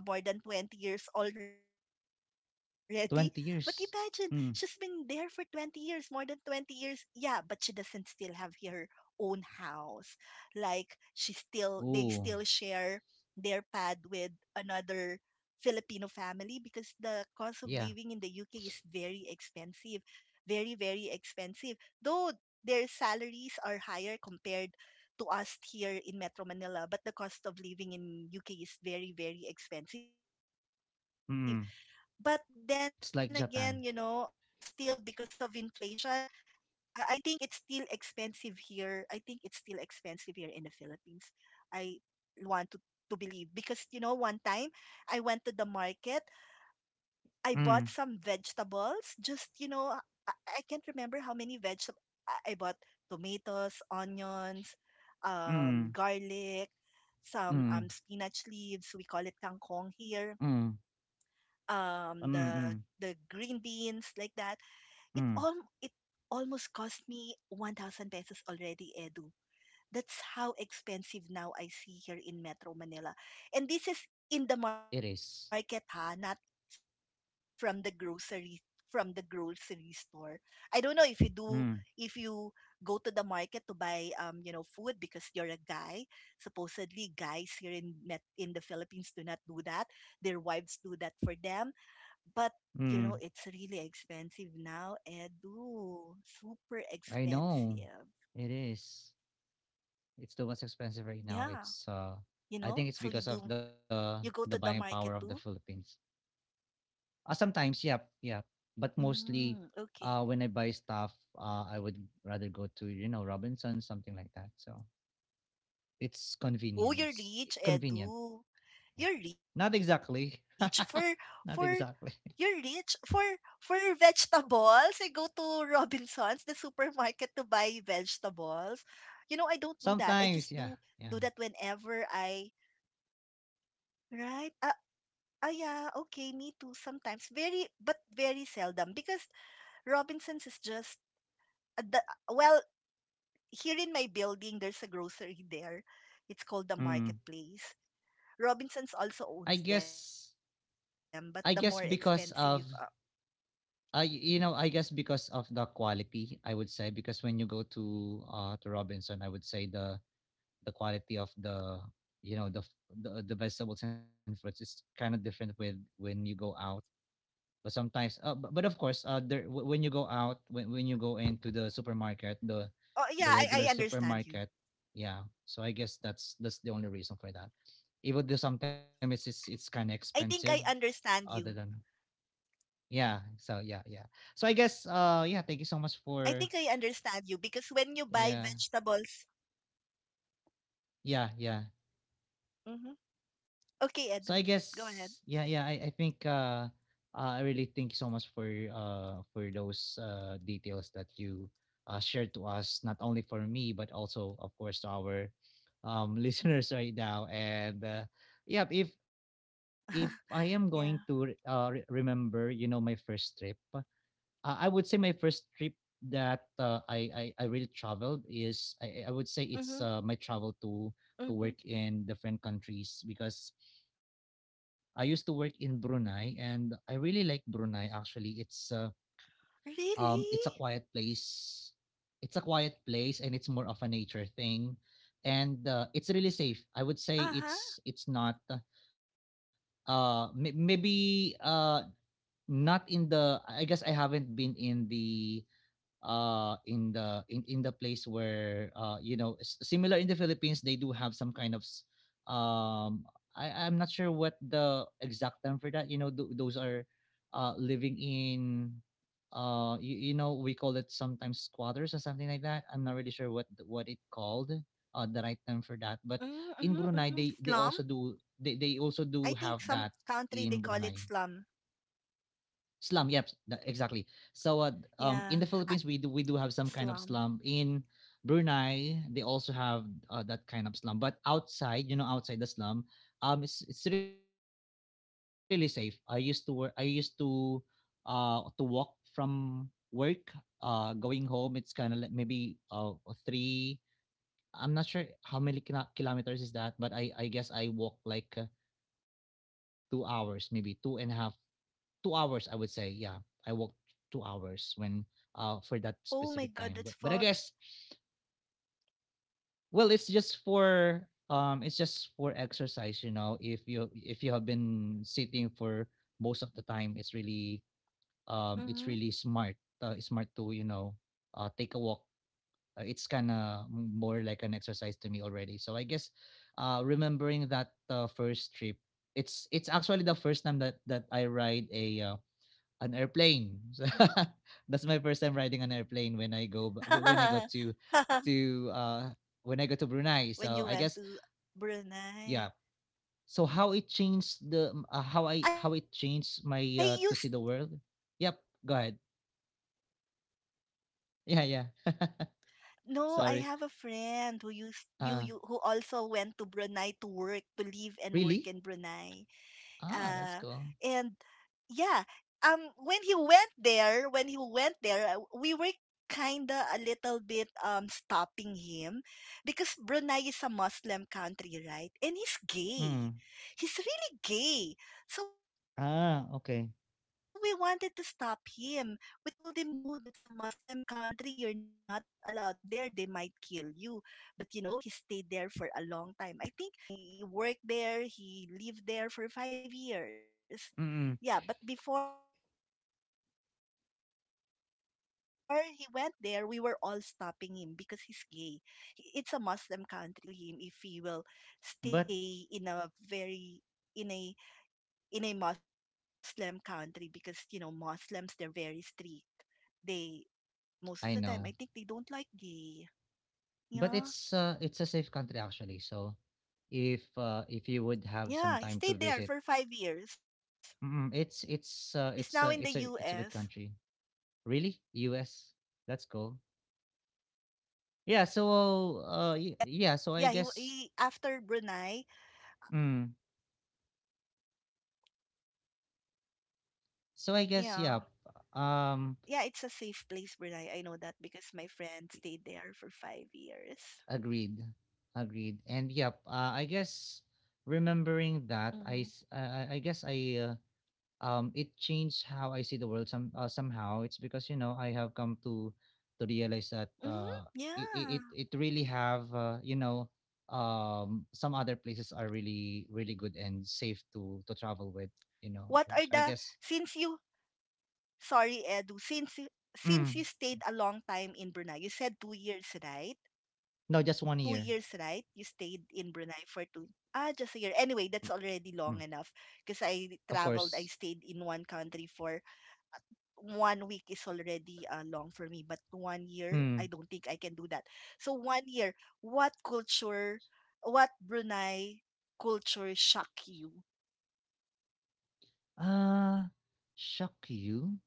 [SPEAKER 2] She's been there for, more than 20 years
[SPEAKER 1] 20
[SPEAKER 2] already.
[SPEAKER 1] years.
[SPEAKER 2] But imagine,
[SPEAKER 1] Mm.
[SPEAKER 2] she's been there for 20 years, more than 20 years. Yeah, but she doesn't still have her own house. Like, she still
[SPEAKER 1] Oh,
[SPEAKER 2] they still share their pad with another Filipino family
[SPEAKER 1] yeah.
[SPEAKER 2] because the cost of living in the UK is very expensive. Very, very expensive. Though their salaries are higher compared to us here in Metro Manila, but the cost of living in UK is very, very
[SPEAKER 1] Mm.
[SPEAKER 2] expensive. But then
[SPEAKER 1] It's like
[SPEAKER 2] again,
[SPEAKER 1] Japan.
[SPEAKER 2] still because of inflation, I think it's still expensive here. I think it's still expensive here in the Philippines. I want to believe, because one time I went to the market,
[SPEAKER 1] Mm,
[SPEAKER 2] I bought some vegetables. Just, I can't remember how many vegetables I bought: tomatoes, onions,
[SPEAKER 1] mm,
[SPEAKER 2] garlic,
[SPEAKER 1] mm,
[SPEAKER 2] some spinach leaves.
[SPEAKER 1] mm,
[SPEAKER 2] We call it kangkong here.
[SPEAKER 1] mm, mm.
[SPEAKER 2] Um, the the green
[SPEAKER 1] mm.
[SPEAKER 2] beans, like that. It all it almost cost me 1,000 pesos already, Edu. That's how expensive now I see here in
[SPEAKER 1] It
[SPEAKER 2] Metro Manila.
[SPEAKER 1] is.
[SPEAKER 2] And this is in the market, ha, not from the grocery from the grocery store. I don't know
[SPEAKER 1] Mm.
[SPEAKER 2] if you go to the market to buy food, because you're a guy. Supposedly guys here in the Philippines do not do that. Their wives do that for them, but
[SPEAKER 1] Mm.
[SPEAKER 2] it's really expensive now, and ooh, super
[SPEAKER 1] I
[SPEAKER 2] expensive,
[SPEAKER 1] know. It is. It's the most expensive
[SPEAKER 2] yeah.
[SPEAKER 1] right now. It's
[SPEAKER 2] you know so you
[SPEAKER 1] I think
[SPEAKER 2] do
[SPEAKER 1] it's because of
[SPEAKER 2] You
[SPEAKER 1] the
[SPEAKER 2] go to the
[SPEAKER 1] the buying
[SPEAKER 2] market
[SPEAKER 1] power
[SPEAKER 2] too?
[SPEAKER 1] of the Philippines. Sometimes, yeah, yeah. But
[SPEAKER 2] Mm.
[SPEAKER 1] mostly
[SPEAKER 2] Okay.
[SPEAKER 1] when I buy stuff, I would rather go to, you know, Robinson, something like that. So it's
[SPEAKER 2] Oh, you're
[SPEAKER 1] convenience.
[SPEAKER 2] rich, Edu.
[SPEAKER 1] Convenient. Yeah.
[SPEAKER 2] You're rich
[SPEAKER 1] Not
[SPEAKER 2] for,
[SPEAKER 1] exactly.
[SPEAKER 2] for
[SPEAKER 1] Not
[SPEAKER 2] you're
[SPEAKER 1] exactly.
[SPEAKER 2] rich for vegetables. I go to Robinson's, the supermarket, to buy vegetables. You know, I don't do that. I just
[SPEAKER 1] Sometimes, yeah,
[SPEAKER 2] do
[SPEAKER 1] yeah.
[SPEAKER 2] do that whenever I, right. Ah, ah, yeah. Okay, me too. Sometimes very, but very seldom, because Robinson's is just. uh, the- Well, here in my building, there's a grocery there. It's
[SPEAKER 1] Mm.
[SPEAKER 2] called the Marketplace.
[SPEAKER 1] I
[SPEAKER 2] Robinsons
[SPEAKER 1] guess
[SPEAKER 2] also owns them, but the
[SPEAKER 1] I
[SPEAKER 2] more
[SPEAKER 1] guess because
[SPEAKER 2] expensive.
[SPEAKER 1] of I you know, I guess because of the quality, I would say, because when you go to Robinson, I would say the quality of the you know the f- the vegetables and fruits is kind of different with when you go out. But sometimes, but of course, when you go out, when you go into the supermarket,
[SPEAKER 2] Oh,
[SPEAKER 1] the
[SPEAKER 2] yeah,
[SPEAKER 1] regular
[SPEAKER 2] I understand you.
[SPEAKER 1] supermarket, yeah. So I guess that's the only reason for that. Even though sometimes it's kind of expensive,
[SPEAKER 2] I think I
[SPEAKER 1] other
[SPEAKER 2] understand you.
[SPEAKER 1] than yeah. So yeah, yeah. So I guess
[SPEAKER 2] I think
[SPEAKER 1] yeah,
[SPEAKER 2] I
[SPEAKER 1] thank you so much
[SPEAKER 2] understand you,
[SPEAKER 1] for
[SPEAKER 2] because when you buy vegetables.
[SPEAKER 1] yeah. Yeah, yeah.
[SPEAKER 2] Mm-hmm. Okay, Edu, go ahead.
[SPEAKER 1] So I guess yeah, yeah, I think I really thank you so much for those details that you shared to us, not only for me but also of course to our listeners right now, and yeah, if I am going
[SPEAKER 2] Yeah.
[SPEAKER 1] to remember, you know, my first trip, uh, I would say my first trip that I really traveled is I
[SPEAKER 2] Mm-hmm.
[SPEAKER 1] would say it's my travel
[SPEAKER 2] Mm-hmm.
[SPEAKER 1] to work in different countries, because I used to work in Brunei and I really like Brunei. Actually, it's
[SPEAKER 2] Really?
[SPEAKER 1] a quiet place, it's a quiet place, and it's more of a nature thing, and it's really safe, I would say.
[SPEAKER 2] Uh-huh.
[SPEAKER 1] It's not may- maybe not in the I guess I haven't been in the in the in the place where you know, s- similar in the philippines they do have some kind of s- um I I'm not sure what the exact term for that, you know, those are living in, you, you know, we call it sometimes squatters or something like that. I'm not really sure what what it called, the right term for that,
[SPEAKER 2] Mm-hmm.
[SPEAKER 1] but
[SPEAKER 2] Mm-hmm.
[SPEAKER 1] in Brunei
[SPEAKER 2] Slum?
[SPEAKER 1] they they
[SPEAKER 2] I
[SPEAKER 1] also
[SPEAKER 2] think
[SPEAKER 1] do
[SPEAKER 2] some
[SPEAKER 1] have that
[SPEAKER 2] country they call it
[SPEAKER 1] in
[SPEAKER 2] slum.
[SPEAKER 1] Brunei. Slum, yep, exactly.
[SPEAKER 2] Yeah.
[SPEAKER 1] So
[SPEAKER 2] Uh,
[SPEAKER 1] in the Philippines we
[SPEAKER 2] Slum.
[SPEAKER 1] do have some kind of slum. In Brunei they also have that kind of slum, but outside, you know, outside the slum, it's really safe. I used to work, I used to walk from work going home. It's kind of like maybe three, I'm not sure how many kilometers is that, but I guess I walk like 2 hours, maybe two and a half, 2 hours, I would say. Yeah, I walked
[SPEAKER 2] Oh
[SPEAKER 1] two
[SPEAKER 2] my God,
[SPEAKER 1] hours
[SPEAKER 2] that's
[SPEAKER 1] when
[SPEAKER 2] far.
[SPEAKER 1] for that specific time. But I guess, well, it's just for exercise, you know. If you have been sitting for most of the time, it's really smart. It's smart to, you know,
[SPEAKER 2] Mhm.
[SPEAKER 1] take a walk. It's kind of more like an exercise to me already. So I guess remembering that first trip, it's actually the first time that I ride a an airplane. So that's my first time riding an airplane when when I go to to uh when I go to Brunei. So I
[SPEAKER 2] When you
[SPEAKER 1] guess
[SPEAKER 2] went to
[SPEAKER 1] yeah.
[SPEAKER 2] Brunei.
[SPEAKER 1] So how it changed how I how it
[SPEAKER 2] I
[SPEAKER 1] changed my
[SPEAKER 2] used
[SPEAKER 1] to see the world? Yep. Go ahead. Yeah, yeah.
[SPEAKER 2] No, I
[SPEAKER 1] Sorry.
[SPEAKER 2] have a friend who
[SPEAKER 1] Uh,
[SPEAKER 2] you, who also went to Brunei to work, to live and
[SPEAKER 1] Really?
[SPEAKER 2] work in Brunei.
[SPEAKER 1] Ah, that's cool.
[SPEAKER 2] Uh, and yeah, um, when he went there, we were kinda a little bit stopping him because Brunei is a Muslim
[SPEAKER 1] Mm.
[SPEAKER 2] country, right? And he's gay. He's really
[SPEAKER 1] Ah, okay.
[SPEAKER 2] gay. So we wanted to stop him. We told him, no, that's a Muslim country. You're not allowed there. They might kill you. But, he stayed there for a long time. I think he stayed there for 5 years. He worked there, he lived there for five
[SPEAKER 1] Mm.
[SPEAKER 2] years. Yeah, but before he went there, we were all stopping him because he's gay. It's a Muslim country, so we thought that
[SPEAKER 1] But
[SPEAKER 2] something might happen to him if he will stay in a very, in a Muslim country, because Muslims, they're very strict. They
[SPEAKER 1] I know.
[SPEAKER 2] Most of the time I think they don't like gay.
[SPEAKER 1] But
[SPEAKER 2] Yeah,
[SPEAKER 1] it's a safe country actually. So if you would have some
[SPEAKER 2] yeah. He
[SPEAKER 1] time to
[SPEAKER 2] stayed there
[SPEAKER 1] visit
[SPEAKER 2] for 5 years.
[SPEAKER 1] mm.
[SPEAKER 2] He's now in the
[SPEAKER 1] It's a good
[SPEAKER 2] US.
[SPEAKER 1] country. Really, U.S. That's cool.
[SPEAKER 2] I will try. Yeah, he,
[SPEAKER 1] Yeah.
[SPEAKER 2] wa-
[SPEAKER 1] So
[SPEAKER 2] he after Brunei.
[SPEAKER 1] yeah. So I guess. Mm,
[SPEAKER 2] Yeah.
[SPEAKER 1] so I
[SPEAKER 2] Yeah,
[SPEAKER 1] guess
[SPEAKER 2] it's a
[SPEAKER 1] yeah.
[SPEAKER 2] safe place, Brunei. I
[SPEAKER 1] Um,
[SPEAKER 2] know that because my friend stayed there for 5 years.
[SPEAKER 1] Agreed, agreed. And yep. I guess
[SPEAKER 2] Mm-hmm.
[SPEAKER 1] remembering that, I s- I guess I it changed how I see the world somehow. It's because you know I have come to
[SPEAKER 2] Mm-hmm.
[SPEAKER 1] realize that
[SPEAKER 2] Yeah.
[SPEAKER 1] it really have you know some other places are really really good and safe to travel with
[SPEAKER 2] What are
[SPEAKER 1] you
[SPEAKER 2] the
[SPEAKER 1] know so I
[SPEAKER 2] Since you,
[SPEAKER 1] guess
[SPEAKER 2] sorry, Edu, since you stayed a
[SPEAKER 1] mm,
[SPEAKER 2] long time in Brunei, you said 2 years, right?
[SPEAKER 1] no just
[SPEAKER 2] Two
[SPEAKER 1] 1 year
[SPEAKER 2] years, right? You stayed in Brunei just a year. Anyway, that's already
[SPEAKER 1] mm,
[SPEAKER 2] long enough, because
[SPEAKER 1] of
[SPEAKER 2] I
[SPEAKER 1] course
[SPEAKER 2] stayed in one country for one week is already, long for me, but one year,
[SPEAKER 1] mm,
[SPEAKER 2] I don't think I can do that. So one year, what culture, what Brunei culture shock you?
[SPEAKER 1] uh shock you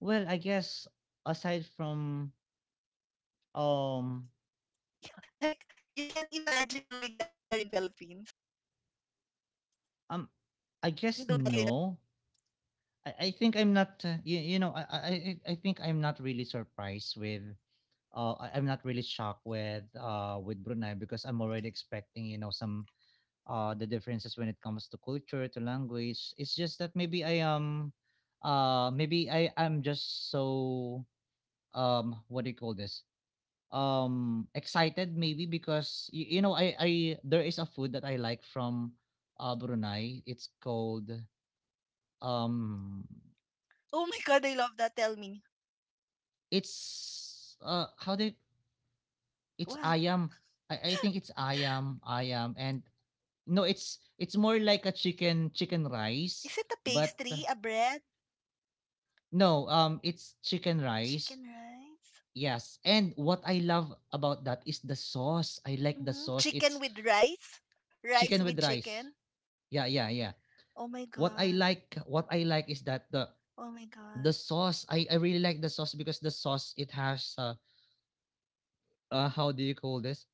[SPEAKER 1] well I guess
[SPEAKER 2] Yeah, like
[SPEAKER 1] aside
[SPEAKER 2] you can't
[SPEAKER 1] from
[SPEAKER 2] imagine doing that here in the
[SPEAKER 1] um
[SPEAKER 2] Philippines.
[SPEAKER 1] um I guess no. I think I'm not. You know, I think I'm not really surprised with. I'm not really shocked with Brunei because I'm already expecting you know some the differences when it comes to culture to language. It's just that maybe I am. Maybe I'm just so um, what do you call this, um, excited maybe because you know I there is a food that I like from Brunei. It's called
[SPEAKER 2] Oh my God, I love that.
[SPEAKER 1] um
[SPEAKER 2] Tell me,
[SPEAKER 1] it's
[SPEAKER 2] what
[SPEAKER 1] how did it's ayam. I think it's ayam, ayam, and no, it's more like
[SPEAKER 2] is
[SPEAKER 1] a
[SPEAKER 2] it? A
[SPEAKER 1] chicken
[SPEAKER 2] pastry,
[SPEAKER 1] chicken
[SPEAKER 2] a bread,
[SPEAKER 1] rice, but
[SPEAKER 2] chicken rice,
[SPEAKER 1] no, it's chicken rice. Yes, and what I love
[SPEAKER 2] chicken with
[SPEAKER 1] about that is
[SPEAKER 2] rice,
[SPEAKER 1] the sauce.
[SPEAKER 2] rice
[SPEAKER 1] I
[SPEAKER 2] with
[SPEAKER 1] like the sauce.
[SPEAKER 2] chicken.
[SPEAKER 1] It's
[SPEAKER 2] Oh
[SPEAKER 1] chicken
[SPEAKER 2] my
[SPEAKER 1] with rice.
[SPEAKER 2] God,
[SPEAKER 1] Yeah, yeah, yeah.
[SPEAKER 2] oh my God,
[SPEAKER 1] What I like is that the sauce. I really like the sauce because the sauce it has how do you call this?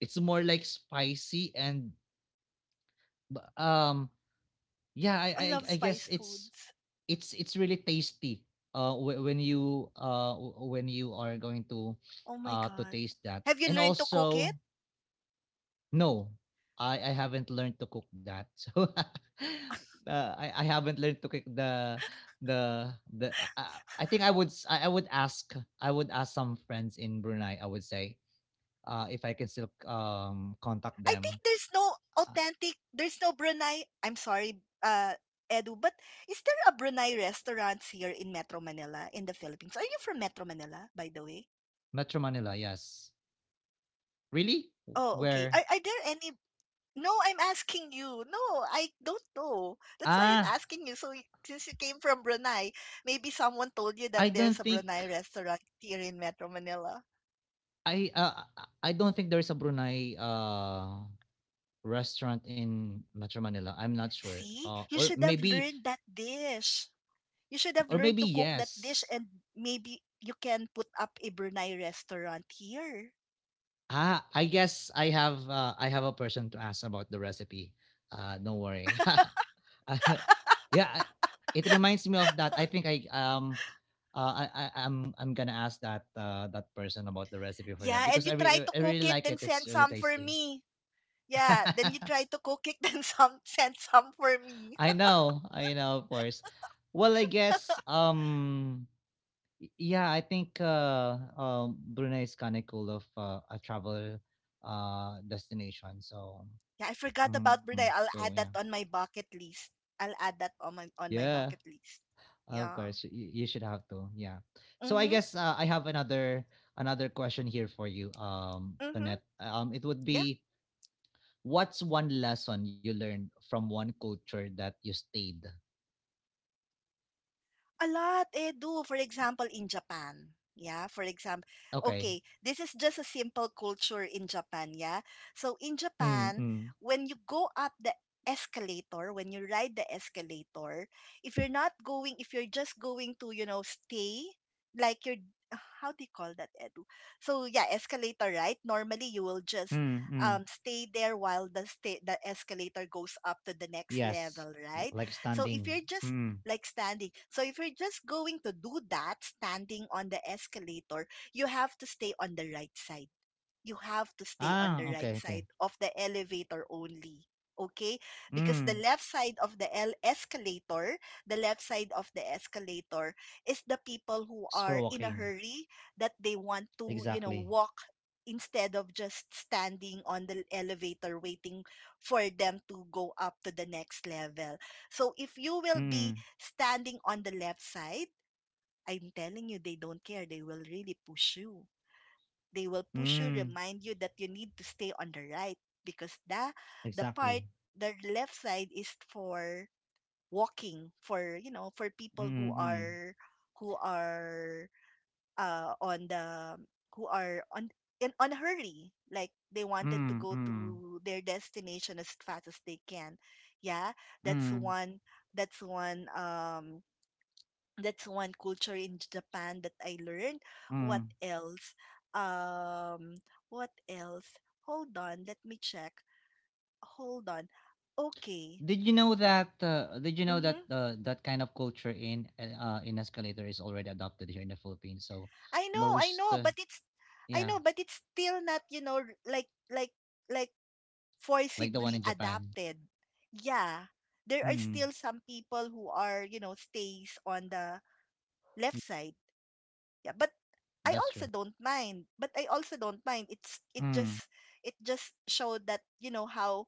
[SPEAKER 1] It's more like spicy and, but,
[SPEAKER 2] I love spice foods.
[SPEAKER 1] yeah, I I guess it's it's really tasty.
[SPEAKER 2] Oh
[SPEAKER 1] When
[SPEAKER 2] my
[SPEAKER 1] you are
[SPEAKER 2] God.
[SPEAKER 1] going
[SPEAKER 2] Have you learned to
[SPEAKER 1] to
[SPEAKER 2] cook it?
[SPEAKER 1] taste that, and also no, I haven't learned to cook that, so I haven't learned to cook the. I think I would ask, I would ask some friends in Brunei. I would say if I can still
[SPEAKER 2] I think
[SPEAKER 1] um,
[SPEAKER 2] there's
[SPEAKER 1] contact
[SPEAKER 2] no
[SPEAKER 1] them.
[SPEAKER 2] authentic,
[SPEAKER 1] Uh,
[SPEAKER 2] there's no Brunei. I'm sorry, uh, Edu, but is there a Brunei restaurants here in Metro Manila in the Philippines? Are you from Metro Manila, by the way?
[SPEAKER 1] Metro Manila, yes. Really?
[SPEAKER 2] Oh, okay.
[SPEAKER 1] Where?
[SPEAKER 2] Are there any? No, I'm asking you. No, I don't know. That's why I'm
[SPEAKER 1] Ah,
[SPEAKER 2] asking you. So, since you came from Brunei, maybe someone told you that
[SPEAKER 1] I don't
[SPEAKER 2] there's a
[SPEAKER 1] think
[SPEAKER 2] Brunei restaurant here in Metro Manila.
[SPEAKER 1] I uh, I don't think there is a Brunei restaurant in Metro Manila. I'm not sure.
[SPEAKER 2] See, you
[SPEAKER 1] Or
[SPEAKER 2] should have
[SPEAKER 1] maybe
[SPEAKER 2] learned that dish. You should have
[SPEAKER 1] or
[SPEAKER 2] learned
[SPEAKER 1] maybe
[SPEAKER 2] to cook that dish,
[SPEAKER 1] yes.
[SPEAKER 2] and maybe you can put up a Brunei restaurant here.
[SPEAKER 1] Ah, I guess I have a person to ask about the recipe. Don't worry. Uh, yeah, I- it reminds me of that. I think I'm I'm gonna ask that that person about the recipe for that
[SPEAKER 2] Yeah, and
[SPEAKER 1] because
[SPEAKER 2] you try to
[SPEAKER 1] I
[SPEAKER 2] cook
[SPEAKER 1] really
[SPEAKER 2] it,
[SPEAKER 1] like
[SPEAKER 2] then
[SPEAKER 1] it. It's
[SPEAKER 2] send
[SPEAKER 1] really
[SPEAKER 2] some for
[SPEAKER 1] tasty.
[SPEAKER 2] me. Yeah, then you try to cook it, then some send some for me.
[SPEAKER 1] I know, of course. Well, I guess, y- yeah, I think Brunei is kind of cool of a travel destination. So,
[SPEAKER 2] Yeah, I forgot
[SPEAKER 1] mm,
[SPEAKER 2] about Brunei.
[SPEAKER 1] so
[SPEAKER 2] I'll
[SPEAKER 1] yeah,
[SPEAKER 2] add that on my bucket list. I'll add that on my
[SPEAKER 1] yeah,
[SPEAKER 2] bucket list.
[SPEAKER 1] of course,
[SPEAKER 2] Yeah.
[SPEAKER 1] you should have to, yeah. So I
[SPEAKER 2] Mhm.
[SPEAKER 1] guess I have another another question here for you,
[SPEAKER 2] Mhm.
[SPEAKER 1] Tonette. It would
[SPEAKER 2] Yeah,
[SPEAKER 1] be, what's one lesson you learned from one culture that you stayed?
[SPEAKER 2] a lot, eh, do. For example, in Japan. Yeah, for example,
[SPEAKER 1] Okay.
[SPEAKER 2] okay, this is just a simple culture in Japan. Yeah. So in Japan,
[SPEAKER 1] Mm-mm.
[SPEAKER 2] when you go up the when you ride the escalator, if you're just going to, stay, like you're, how do you call that, Edu? So yeah, escalator, right? Normally you will just, stay there while the escalator goes up to the next
[SPEAKER 1] Yes.
[SPEAKER 2] level,
[SPEAKER 1] Yeah,
[SPEAKER 2] right?
[SPEAKER 1] like
[SPEAKER 2] So
[SPEAKER 1] standing.
[SPEAKER 2] if you're just
[SPEAKER 1] Mm.
[SPEAKER 2] like standing. So if you're just going to do that, standing on the escalator, you have to stay on the right side you have to stay on
[SPEAKER 1] Ah,
[SPEAKER 2] the right
[SPEAKER 1] okay,
[SPEAKER 2] side
[SPEAKER 1] okay.
[SPEAKER 2] of the elevator only. Okay? Because
[SPEAKER 1] Mm.
[SPEAKER 2] the left side of the escalator is the people who
[SPEAKER 1] It's for
[SPEAKER 2] are in a
[SPEAKER 1] walking.
[SPEAKER 2] hurry, that they want to,
[SPEAKER 1] Exactly.
[SPEAKER 2] walk instead of just standing on the elevator waiting for them to go up to the next level. So if you will
[SPEAKER 1] Mm.
[SPEAKER 2] be standing on the left side, I'm telling you, they don't care. They will really push you. They will push you,
[SPEAKER 1] Mm.
[SPEAKER 2] remind you that you need to stay on the right, because the, part
[SPEAKER 1] Exactly.
[SPEAKER 2] the left side is for walking, for people
[SPEAKER 1] Mm.
[SPEAKER 2] who
[SPEAKER 1] Mm.
[SPEAKER 2] are who are uh on the who are on on a hurry, like they wanted to go
[SPEAKER 1] Mm. Mm.
[SPEAKER 2] to their destination as fast as they can, yeah. That's
[SPEAKER 1] Mm.
[SPEAKER 2] one, that's one um culture in Japan that I learned. What
[SPEAKER 1] Mm.
[SPEAKER 2] else? Um, what else? Hold on, let me check. Hold on. Okay.
[SPEAKER 1] Did you know that? Did you know
[SPEAKER 2] Mm-hmm.
[SPEAKER 1] that that kind of culture in escalator is already adopted here in the Philippines? So
[SPEAKER 2] I know, I know,
[SPEAKER 1] most,
[SPEAKER 2] but it's I know,
[SPEAKER 1] yeah,
[SPEAKER 2] but it's still not, like
[SPEAKER 1] like
[SPEAKER 2] forcibly
[SPEAKER 1] the one in Japan.
[SPEAKER 2] adapted. Yeah. There are still
[SPEAKER 1] Mm.
[SPEAKER 2] some people who are, stays on the left
[SPEAKER 1] Yeah,
[SPEAKER 2] side. Yeah, but I also
[SPEAKER 1] that's true.
[SPEAKER 2] don't mind. But I also don't mind. It's it just
[SPEAKER 1] Mm.
[SPEAKER 2] it just showed that you know how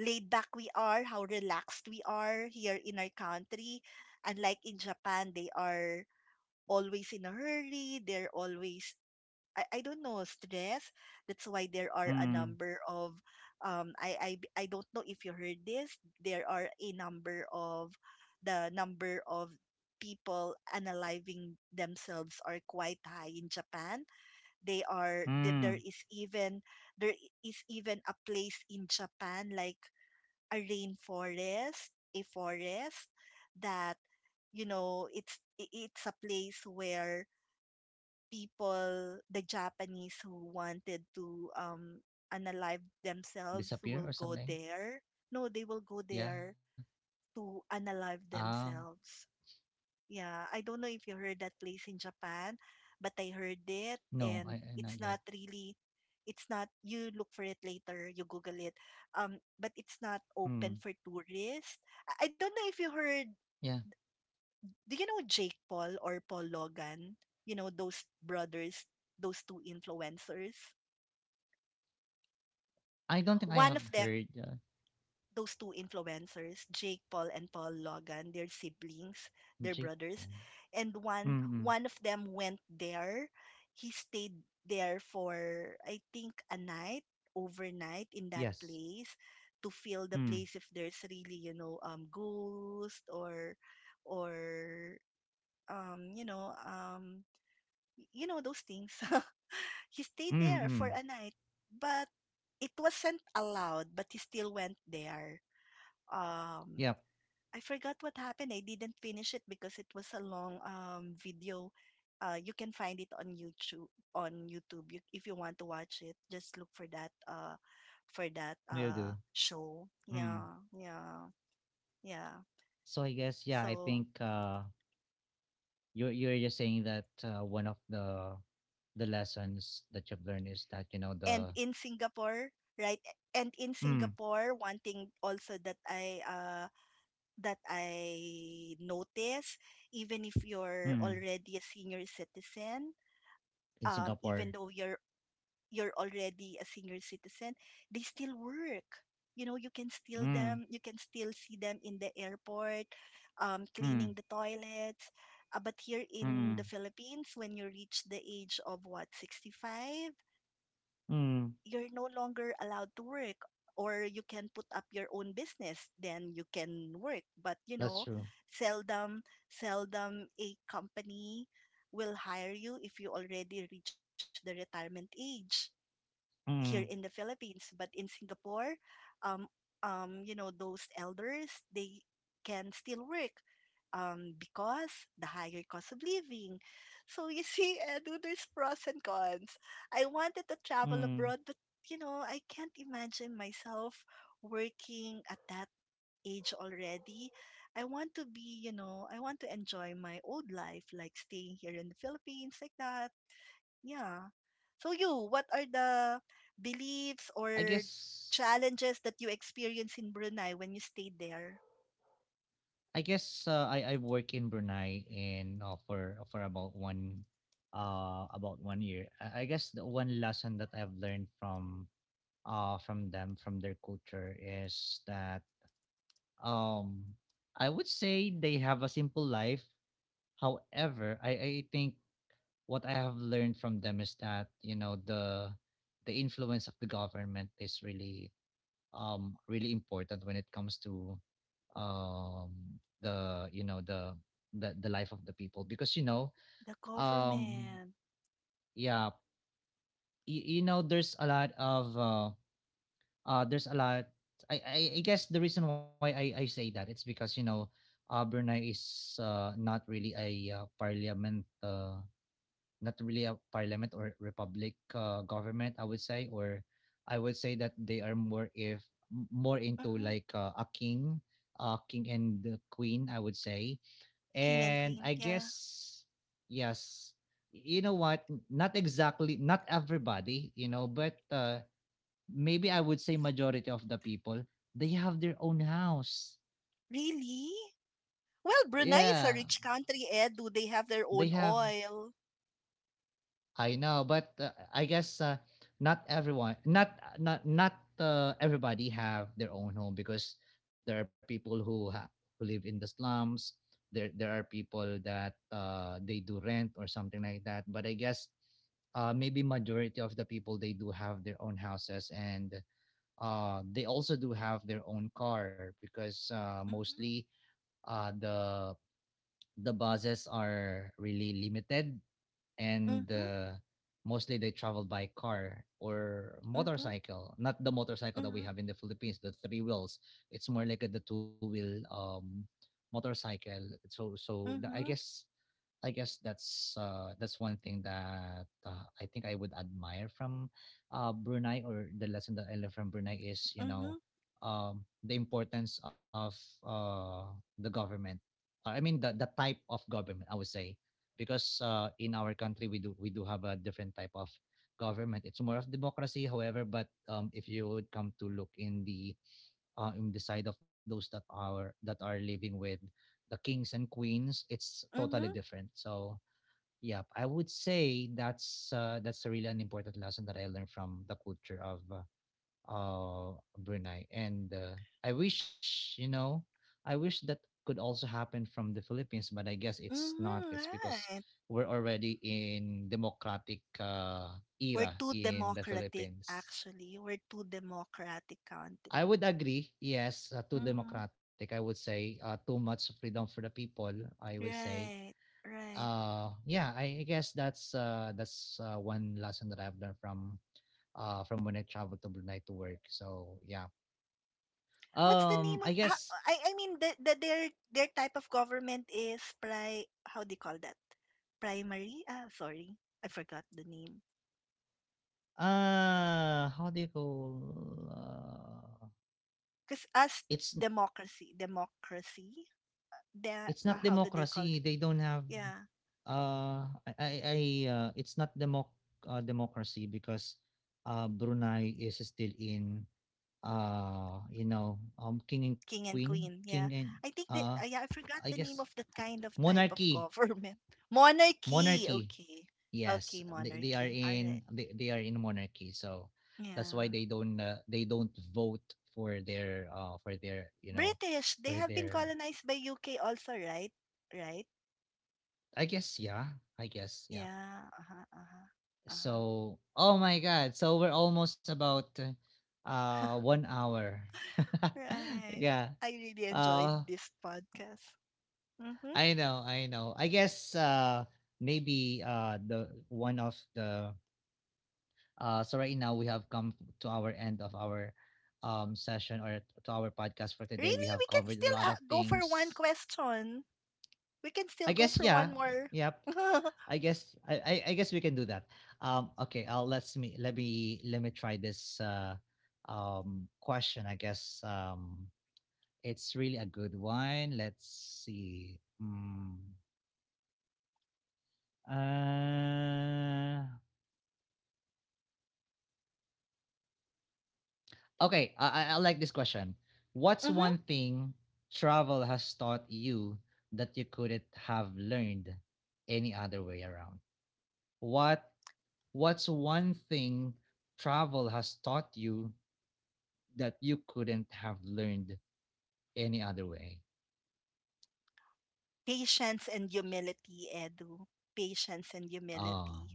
[SPEAKER 2] laid back we are, how relaxed we are here in our country. Unlike in Japan, they are always in a hurry. They're always, I don't know, stress. That's why there are a number
[SPEAKER 1] Mm.
[SPEAKER 2] of, I don't know if you heard this, there are a number of the number of people analyzing themselves are quite high in Japan. They there
[SPEAKER 1] Mm.
[SPEAKER 2] is even, a place in Japan like a forest that, it's a place where people, the Japanese who wanted to, unalive themselves will
[SPEAKER 1] Disappear or
[SPEAKER 2] go
[SPEAKER 1] something?
[SPEAKER 2] there. No, they will go
[SPEAKER 1] Yeah.
[SPEAKER 2] there to unalive
[SPEAKER 1] Ah.
[SPEAKER 2] themselves. Yeah, I don't know if you heard that place in Japan, but I heard it,
[SPEAKER 1] No,
[SPEAKER 2] and
[SPEAKER 1] I-
[SPEAKER 2] it's
[SPEAKER 1] not
[SPEAKER 2] not
[SPEAKER 1] yet.
[SPEAKER 2] really it's not you look for it later, you Google it. But it's not open
[SPEAKER 1] Mm.
[SPEAKER 2] for tourists. I don't know if you heard,
[SPEAKER 1] Yeah.
[SPEAKER 2] do you know Jake Paul or Paul Logan? You know those brothers, those two influencers.
[SPEAKER 1] I don't think I
[SPEAKER 2] One
[SPEAKER 1] have
[SPEAKER 2] of them,
[SPEAKER 1] heard
[SPEAKER 2] those two influencers, Jake Paul and Paul Logan, they're siblings, they're
[SPEAKER 1] J-pop.
[SPEAKER 2] brothers, and one
[SPEAKER 1] Mm-mm.
[SPEAKER 2] one of them went there. He stayed there for I think a night, overnight in that
[SPEAKER 1] Yes.
[SPEAKER 2] place to feel the
[SPEAKER 1] Mm.
[SPEAKER 2] place if there's really ghost or um you know um you know those things. He stayed there for
[SPEAKER 1] Mm-mm.
[SPEAKER 2] a night, but it wasn't allowed, but he still went there. Um,
[SPEAKER 1] Yep.
[SPEAKER 2] I forgot what happened. I didn't finish it because it was a long video. You can find it on YouTube. On YouTube, you, if you want to watch it, just look for that. For that
[SPEAKER 1] Will do.
[SPEAKER 2] show.
[SPEAKER 1] Mm.
[SPEAKER 2] Yeah, yeah, yeah.
[SPEAKER 1] So I guess yeah, I
[SPEAKER 2] So
[SPEAKER 1] think you're just saying that one of the lessons that you've learned is that you know
[SPEAKER 2] and
[SPEAKER 1] the
[SPEAKER 2] in Singapore, right? And in
[SPEAKER 1] mm,
[SPEAKER 2] Singapore, one thing also that I notice, even if you're
[SPEAKER 1] mm,
[SPEAKER 2] already a senior citizen,
[SPEAKER 1] in
[SPEAKER 2] even
[SPEAKER 1] Singapore,
[SPEAKER 2] though you're already a senior citizen, they still work. You know, you can still
[SPEAKER 1] mm,
[SPEAKER 2] them, you can still see them in the airport,
[SPEAKER 1] mm,
[SPEAKER 2] cleaning the toilets. But here in the
[SPEAKER 1] mm,
[SPEAKER 2] Philippines, when you reach the age of what, 65,
[SPEAKER 1] mm,
[SPEAKER 2] you're no longer allowed to work, or you can put up your own business then you can work, but you
[SPEAKER 1] that's
[SPEAKER 2] know,
[SPEAKER 1] true.
[SPEAKER 2] seldom, a company will hire you if you already reach the retirement age here in the
[SPEAKER 1] Mm.
[SPEAKER 2] Philippines. But in Singapore, um, you know, those elders, they can still work because the higher cost of living. So you see, Edu, there's pros and cons. I wanted to travel
[SPEAKER 1] Mm.
[SPEAKER 2] abroad, but you know, I can't imagine myself working at that age already. I want to be, you know, I want to enjoy my old life, like staying here in the Philippines, like that, yeah. So you, what are the beliefs
[SPEAKER 1] I
[SPEAKER 2] or
[SPEAKER 1] guess
[SPEAKER 2] challenges that you experienced in Brunei when you stayed there?
[SPEAKER 1] I guess I work in Brunei and for about one about 1 year. I guess the one lesson that I've learned from them from their culture is that um, I would say they have a simple life. However, I think what I have learned from them is that you know the influence of the government is really really important when it comes to um, the you know the life of the people because you know
[SPEAKER 2] The
[SPEAKER 1] um,
[SPEAKER 2] government.
[SPEAKER 1] yeah, you know there's a lot of there's a lot. I, I guess the reason why I say that it's because you know Brunei is not really a parliament not really a parliament or republic government, I would say, or I would say that they are more if more into
[SPEAKER 2] Hmm.
[SPEAKER 1] like a king, king and the queen I would say,
[SPEAKER 2] King and
[SPEAKER 1] and
[SPEAKER 2] queen.
[SPEAKER 1] I
[SPEAKER 2] Yeah.
[SPEAKER 1] guess yes, you know what, not exactly not everybody you know, but maybe I would say majority of the people they have their own house.
[SPEAKER 2] Really? Well, Brunei is a
[SPEAKER 1] Yeah,
[SPEAKER 2] rich country, Ed. Do they have their
[SPEAKER 1] they
[SPEAKER 2] own
[SPEAKER 1] have,
[SPEAKER 2] oil?
[SPEAKER 1] I know, but I guess not everyone, not everybody have their own home because there are who live in the slums. There are people that they do rent or something like that. But I guess maybe majority of the people they do have their own houses and they also do have their own car because mostly
[SPEAKER 2] Mm-hmm.
[SPEAKER 1] uh, the the buses are really limited, and
[SPEAKER 2] Mm-hmm.
[SPEAKER 1] mostly they travel by car or motorcycle, not the motorcycle that
[SPEAKER 2] Mm-hmm.
[SPEAKER 1] we have in the Philippines, the three wheels. It's more like a, the two-wheel um, motorcycle. I
[SPEAKER 2] Mm-hmm. Mm-hmm.
[SPEAKER 1] guess I guess that's one thing that I think I would admire from Brunei, or the lesson that I learned from Brunei is you
[SPEAKER 2] Mm-hmm.
[SPEAKER 1] know the importance of the government. I mean the type of government I would say, because in our country we do have a different type of government. It's more of democracy, however, but if you would come to look in the side of those that are living with the kings and queens, it's totally
[SPEAKER 2] Mm-hmm.
[SPEAKER 1] different. So yeah, I would say that's really an important lesson that I learned from the culture of uh, Brunei, and I wish you know, I wish that could also happen from the Philippines, but I guess it's not.
[SPEAKER 2] Mm-hmm.
[SPEAKER 1] It's because
[SPEAKER 2] Right.
[SPEAKER 1] we're already in democratic
[SPEAKER 2] We're
[SPEAKER 1] era
[SPEAKER 2] too
[SPEAKER 1] in the
[SPEAKER 2] democratic,
[SPEAKER 1] Philippines.
[SPEAKER 2] actually. We're too democratic
[SPEAKER 1] I
[SPEAKER 2] country.
[SPEAKER 1] would agree, yes, too
[SPEAKER 2] Mm-hmm.
[SPEAKER 1] democratic. I would say too much freedom for the people. I would say
[SPEAKER 2] Right. Right.
[SPEAKER 1] yeah, I guess that's one lesson that I've learned from when I traveled to Brunei to work, so yeah,
[SPEAKER 2] What's the
[SPEAKER 1] um,
[SPEAKER 2] name of
[SPEAKER 1] I guess
[SPEAKER 2] I mean the their type of government is pri, how do you call that, primary, ah sorry I forgot the name,
[SPEAKER 1] how do you call
[SPEAKER 2] because us,
[SPEAKER 1] it's
[SPEAKER 2] democracy, democracy, the
[SPEAKER 1] it's not
[SPEAKER 2] how do they call it,
[SPEAKER 1] democracy, they don't have
[SPEAKER 2] yeah,
[SPEAKER 1] I it's not democ democracy because Brunei is still in you know, um, king and
[SPEAKER 2] king and
[SPEAKER 1] queen,
[SPEAKER 2] queen,
[SPEAKER 1] king
[SPEAKER 2] yeah.
[SPEAKER 1] and
[SPEAKER 2] I think that
[SPEAKER 1] uh
[SPEAKER 2] yeah, I forgot
[SPEAKER 1] I
[SPEAKER 2] the
[SPEAKER 1] guess
[SPEAKER 2] name of that kind of type of
[SPEAKER 1] monarchy.
[SPEAKER 2] government. Monarchy,
[SPEAKER 1] Monarchy.
[SPEAKER 2] okay.
[SPEAKER 1] Yes,
[SPEAKER 2] Okay, monarchy, all right,
[SPEAKER 1] they are in monarchy, so that's why
[SPEAKER 2] yeah.
[SPEAKER 1] they don't vote for their you know
[SPEAKER 2] British, they
[SPEAKER 1] for
[SPEAKER 2] have been
[SPEAKER 1] their
[SPEAKER 2] colonized by UK also, right? Right.
[SPEAKER 1] I guess yeah, I guess yeah.
[SPEAKER 2] Yeah, uh-huh, uh-huh, uh-huh.
[SPEAKER 1] So oh my god, so we're almost about 1 hour.
[SPEAKER 2] Right.
[SPEAKER 1] Yeah.
[SPEAKER 2] I really enjoyed
[SPEAKER 1] Uh,
[SPEAKER 2] this podcast. Mm-hmm.
[SPEAKER 1] I know, I know. I guess maybe the one of the, uh, so right now we have come to our end of our session, or to our podcast for today. We
[SPEAKER 2] Really,
[SPEAKER 1] have
[SPEAKER 2] we can
[SPEAKER 1] covered a
[SPEAKER 2] still
[SPEAKER 1] lot of
[SPEAKER 2] go for one
[SPEAKER 1] things.
[SPEAKER 2] question. We can still
[SPEAKER 1] I
[SPEAKER 2] go
[SPEAKER 1] guess
[SPEAKER 2] for
[SPEAKER 1] yeah,
[SPEAKER 2] one more.
[SPEAKER 1] yep.
[SPEAKER 2] Mm-hmm.
[SPEAKER 1] I guess I guess we can do that. Okay, I'll let's me let me let me try this question. I guess it's really a good one. Let's see. Mm, uh, okay, I I like this question. What's one thing travel has taught you that you couldn't have learned any other way around? What, what's one thing travel has taught you that you couldn't have learned any other way?
[SPEAKER 2] Patience and humility, Edu. Patience and humility.
[SPEAKER 1] Um,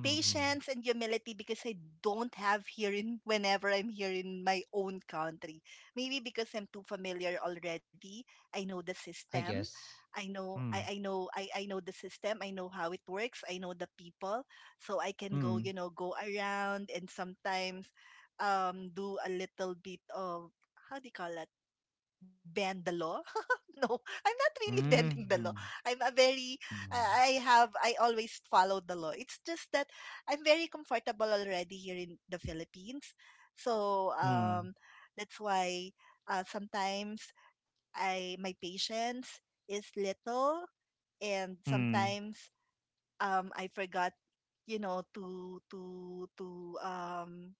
[SPEAKER 1] Mm-hmm.
[SPEAKER 2] and humility because I don't have here in whenever I'm here in my own country. Maybe because I'm too familiar already. I know the
[SPEAKER 1] I
[SPEAKER 2] system.
[SPEAKER 1] guess.
[SPEAKER 2] I know I,
[SPEAKER 1] Mm.
[SPEAKER 2] I know the system. I know how it works. I know the people. So I can go, you
[SPEAKER 1] Mm.
[SPEAKER 2] know, go around and sometimes do a little bit of, how do you call, bend the law. No, I'm not really bending the law.
[SPEAKER 1] Mm.
[SPEAKER 2] I'm a very,
[SPEAKER 1] Mm. Mm.
[SPEAKER 2] I have, I always follow the law. It's just that I'm very comfortable already here in the Philippines. So
[SPEAKER 1] Mm.
[SPEAKER 2] that's why sometimes I, my patience is little, and
[SPEAKER 1] Mm.
[SPEAKER 2] sometimes I forgot, you know, to, to,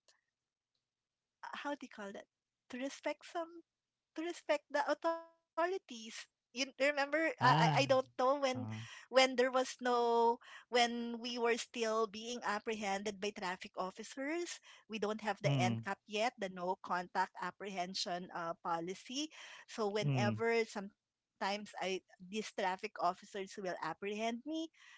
[SPEAKER 2] how do you call that? To respect some to respect the authorities. You remember? I
[SPEAKER 1] Ah.
[SPEAKER 2] don't know
[SPEAKER 1] Ah.
[SPEAKER 2] when there was no, when we were still being apprehended by traffic officers. We don't have the
[SPEAKER 1] Mm.
[SPEAKER 2] NCAP yet, the no contact apprehension policy. So
[SPEAKER 1] Mm.
[SPEAKER 2] whenever sometimes I, these traffic officers will apprehend me,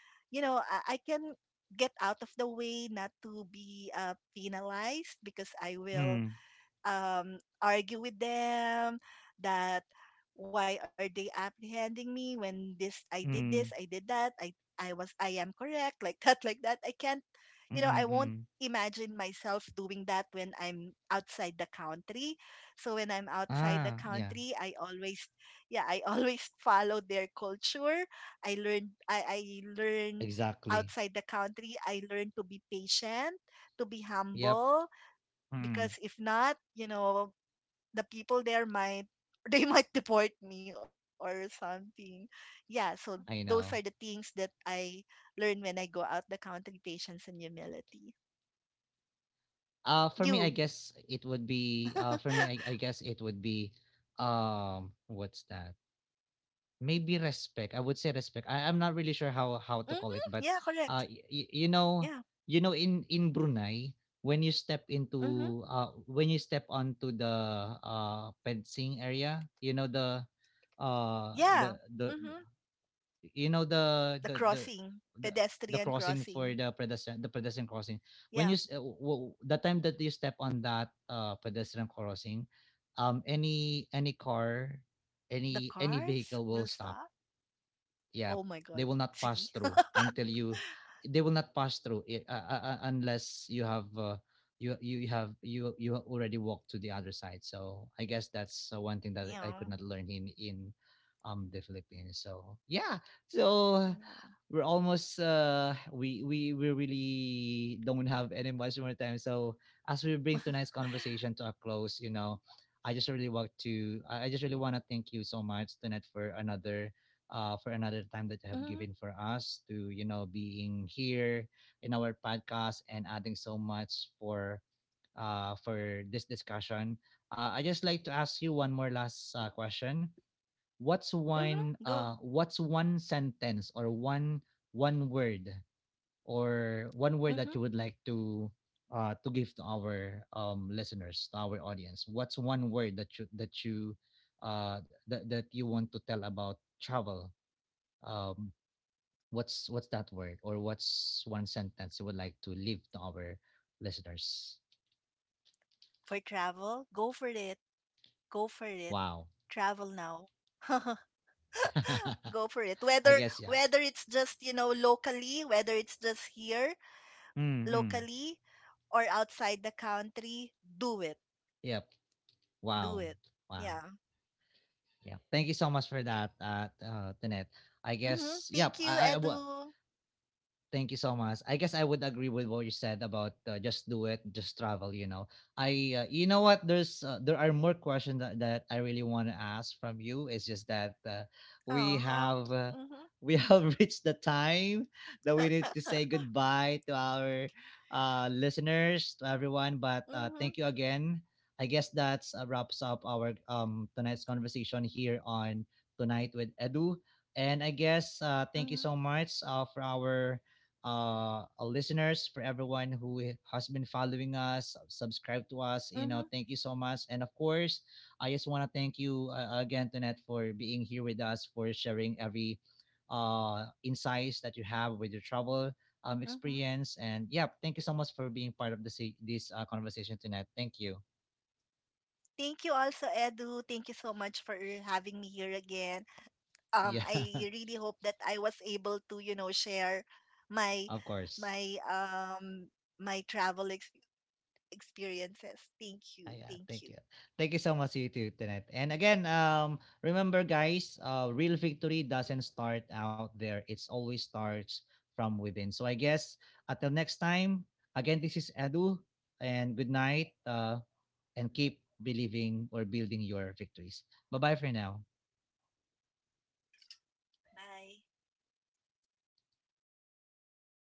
[SPEAKER 2] you know, I can get out of the way not to be penalized, because I will
[SPEAKER 1] Mm.
[SPEAKER 2] argue with them that why are they apprehending me, when this, I
[SPEAKER 1] Mm.
[SPEAKER 2] did that, I was I am correct, like that, like that. I can't, you know, I
[SPEAKER 1] Mm,
[SPEAKER 2] won't
[SPEAKER 1] mm.
[SPEAKER 2] imagine myself doing that when I'm outside the country. So when I'm outside the
[SPEAKER 1] Ah, yeah,
[SPEAKER 2] country, I always, yeah, I always follow their culture. I learn
[SPEAKER 1] exactly.
[SPEAKER 2] outside the country, I learn to be patient, to be
[SPEAKER 1] Yep.
[SPEAKER 2] humble,
[SPEAKER 1] Mm.
[SPEAKER 2] because if not, you know, the people there might they might deport me or something. Yeah, so those
[SPEAKER 1] I
[SPEAKER 2] are the
[SPEAKER 1] know.
[SPEAKER 2] things that I learn when I go out the country, patience and humility.
[SPEAKER 1] For me, I
[SPEAKER 2] You.
[SPEAKER 1] guess it would be. For me, I guess it would be. What's that? Maybe respect. I would say respect. I'm not really sure how to
[SPEAKER 2] Mm-hmm.
[SPEAKER 1] call it,
[SPEAKER 2] Yeah,
[SPEAKER 1] but
[SPEAKER 2] correct.
[SPEAKER 1] y- y-
[SPEAKER 2] Yeah.
[SPEAKER 1] you know, in Brunei, when you step
[SPEAKER 2] Mm-hmm.
[SPEAKER 1] into when you step onto the fencing area, you know the uh
[SPEAKER 2] Yeah.
[SPEAKER 1] the the
[SPEAKER 2] Mm-hmm.
[SPEAKER 1] you know the
[SPEAKER 2] The
[SPEAKER 1] the the
[SPEAKER 2] crossing,
[SPEAKER 1] the, the
[SPEAKER 2] pedestrian
[SPEAKER 1] crossing for
[SPEAKER 2] crossing.
[SPEAKER 1] the pedestrian crossing when you
[SPEAKER 2] Yeah.
[SPEAKER 1] the time that you step on that pedestrian crossing any car
[SPEAKER 2] The
[SPEAKER 1] any
[SPEAKER 2] cars
[SPEAKER 1] vehicle will
[SPEAKER 2] will
[SPEAKER 1] stop,
[SPEAKER 2] stop.
[SPEAKER 1] yeah,
[SPEAKER 2] Oh my
[SPEAKER 1] they
[SPEAKER 2] God.
[SPEAKER 1] will not
[SPEAKER 2] See?
[SPEAKER 1] pass through until you. They will not pass through it, unless you have you already walked to the other side. So I guess that's one thing that I
[SPEAKER 2] Yeah.
[SPEAKER 1] could not learn in the Philippines. So yeah, so
[SPEAKER 2] Yeah.
[SPEAKER 1] we're almost we really don't have any much more time, so as we bring tonight's conversation to a close, I just really want to thank you so much tonight for another, for another time that you have
[SPEAKER 2] Mm-hmm.
[SPEAKER 1] given for us to, being here in our podcast and adding so much for, for this discussion. I just like to ask you one more last question. What's one
[SPEAKER 2] Mm-hmm. Go.
[SPEAKER 1] uh, what's one sentence or one word one word that you
[SPEAKER 2] Mm-hmm.
[SPEAKER 1] would like to, to give to our listeners, to our audience? What's one word that you that you that that you want to tell about travel? um what's that word, or what's one sentence you would like to leave to our listeners?
[SPEAKER 2] For travel, go for it. Go for it.
[SPEAKER 1] Wow.
[SPEAKER 2] Travel now. Go for it.
[SPEAKER 1] I
[SPEAKER 2] Whether
[SPEAKER 1] guess. Yeah.
[SPEAKER 2] whether it's just, you know, locally, whether it's just here
[SPEAKER 1] Mm-mm.
[SPEAKER 2] locally or outside the country, do it.
[SPEAKER 1] Yep.
[SPEAKER 2] Do
[SPEAKER 1] Wow.
[SPEAKER 2] it.
[SPEAKER 1] Wow.
[SPEAKER 2] Yeah.
[SPEAKER 1] Yeah, thank you so much for that, Tanet.
[SPEAKER 2] Mhm.
[SPEAKER 1] I
[SPEAKER 2] Thank
[SPEAKER 1] guess.
[SPEAKER 2] you,
[SPEAKER 1] Yep. I will.
[SPEAKER 2] Edu.
[SPEAKER 1] Thank you so much. I guess I would agree with what you said about, just do it, just travel. You know, I, you know what? There are more questions that I really want to ask from you. It's just that, we
[SPEAKER 2] Uh-huh.
[SPEAKER 1] have,
[SPEAKER 2] Mhm.
[SPEAKER 1] we have reached the time that we need to say goodbye to our, listeners, to everyone. But
[SPEAKER 2] Mhm.
[SPEAKER 1] thank you again. I guess that's, wraps up our tonight's conversation here on tonight with Edu. And I guess,
[SPEAKER 2] Mhm.
[SPEAKER 1] thank you so much, for our, our listeners, for everyone who has been following us, subscribe to us. You know,
[SPEAKER 2] Mhm.
[SPEAKER 1] thank you so much. And of course, I just want to thank you, again, Tonette, for being here with us, for sharing every, insights that you have with your travel,
[SPEAKER 2] Mhm.
[SPEAKER 1] experience. And yeah, thank you so much for being part of this conversation tonight. Thank you.
[SPEAKER 2] Thank you also, Edu. Thank you so much for having me here again.
[SPEAKER 1] Yeah,
[SPEAKER 2] I really hope that I was able to you know share my
[SPEAKER 1] of course.
[SPEAKER 2] my my experiences. Thank you.
[SPEAKER 1] Ayan,
[SPEAKER 2] Thank
[SPEAKER 1] thank
[SPEAKER 2] you.
[SPEAKER 1] you. Thank you so much, you too, Tenet. And again, remember guys, real victory doesn't start out there. It's always starts from within. So I guess until next time, again, this is Edu, and good night, and keep believing or building your victories. Bye-bye for now.
[SPEAKER 2] Bye.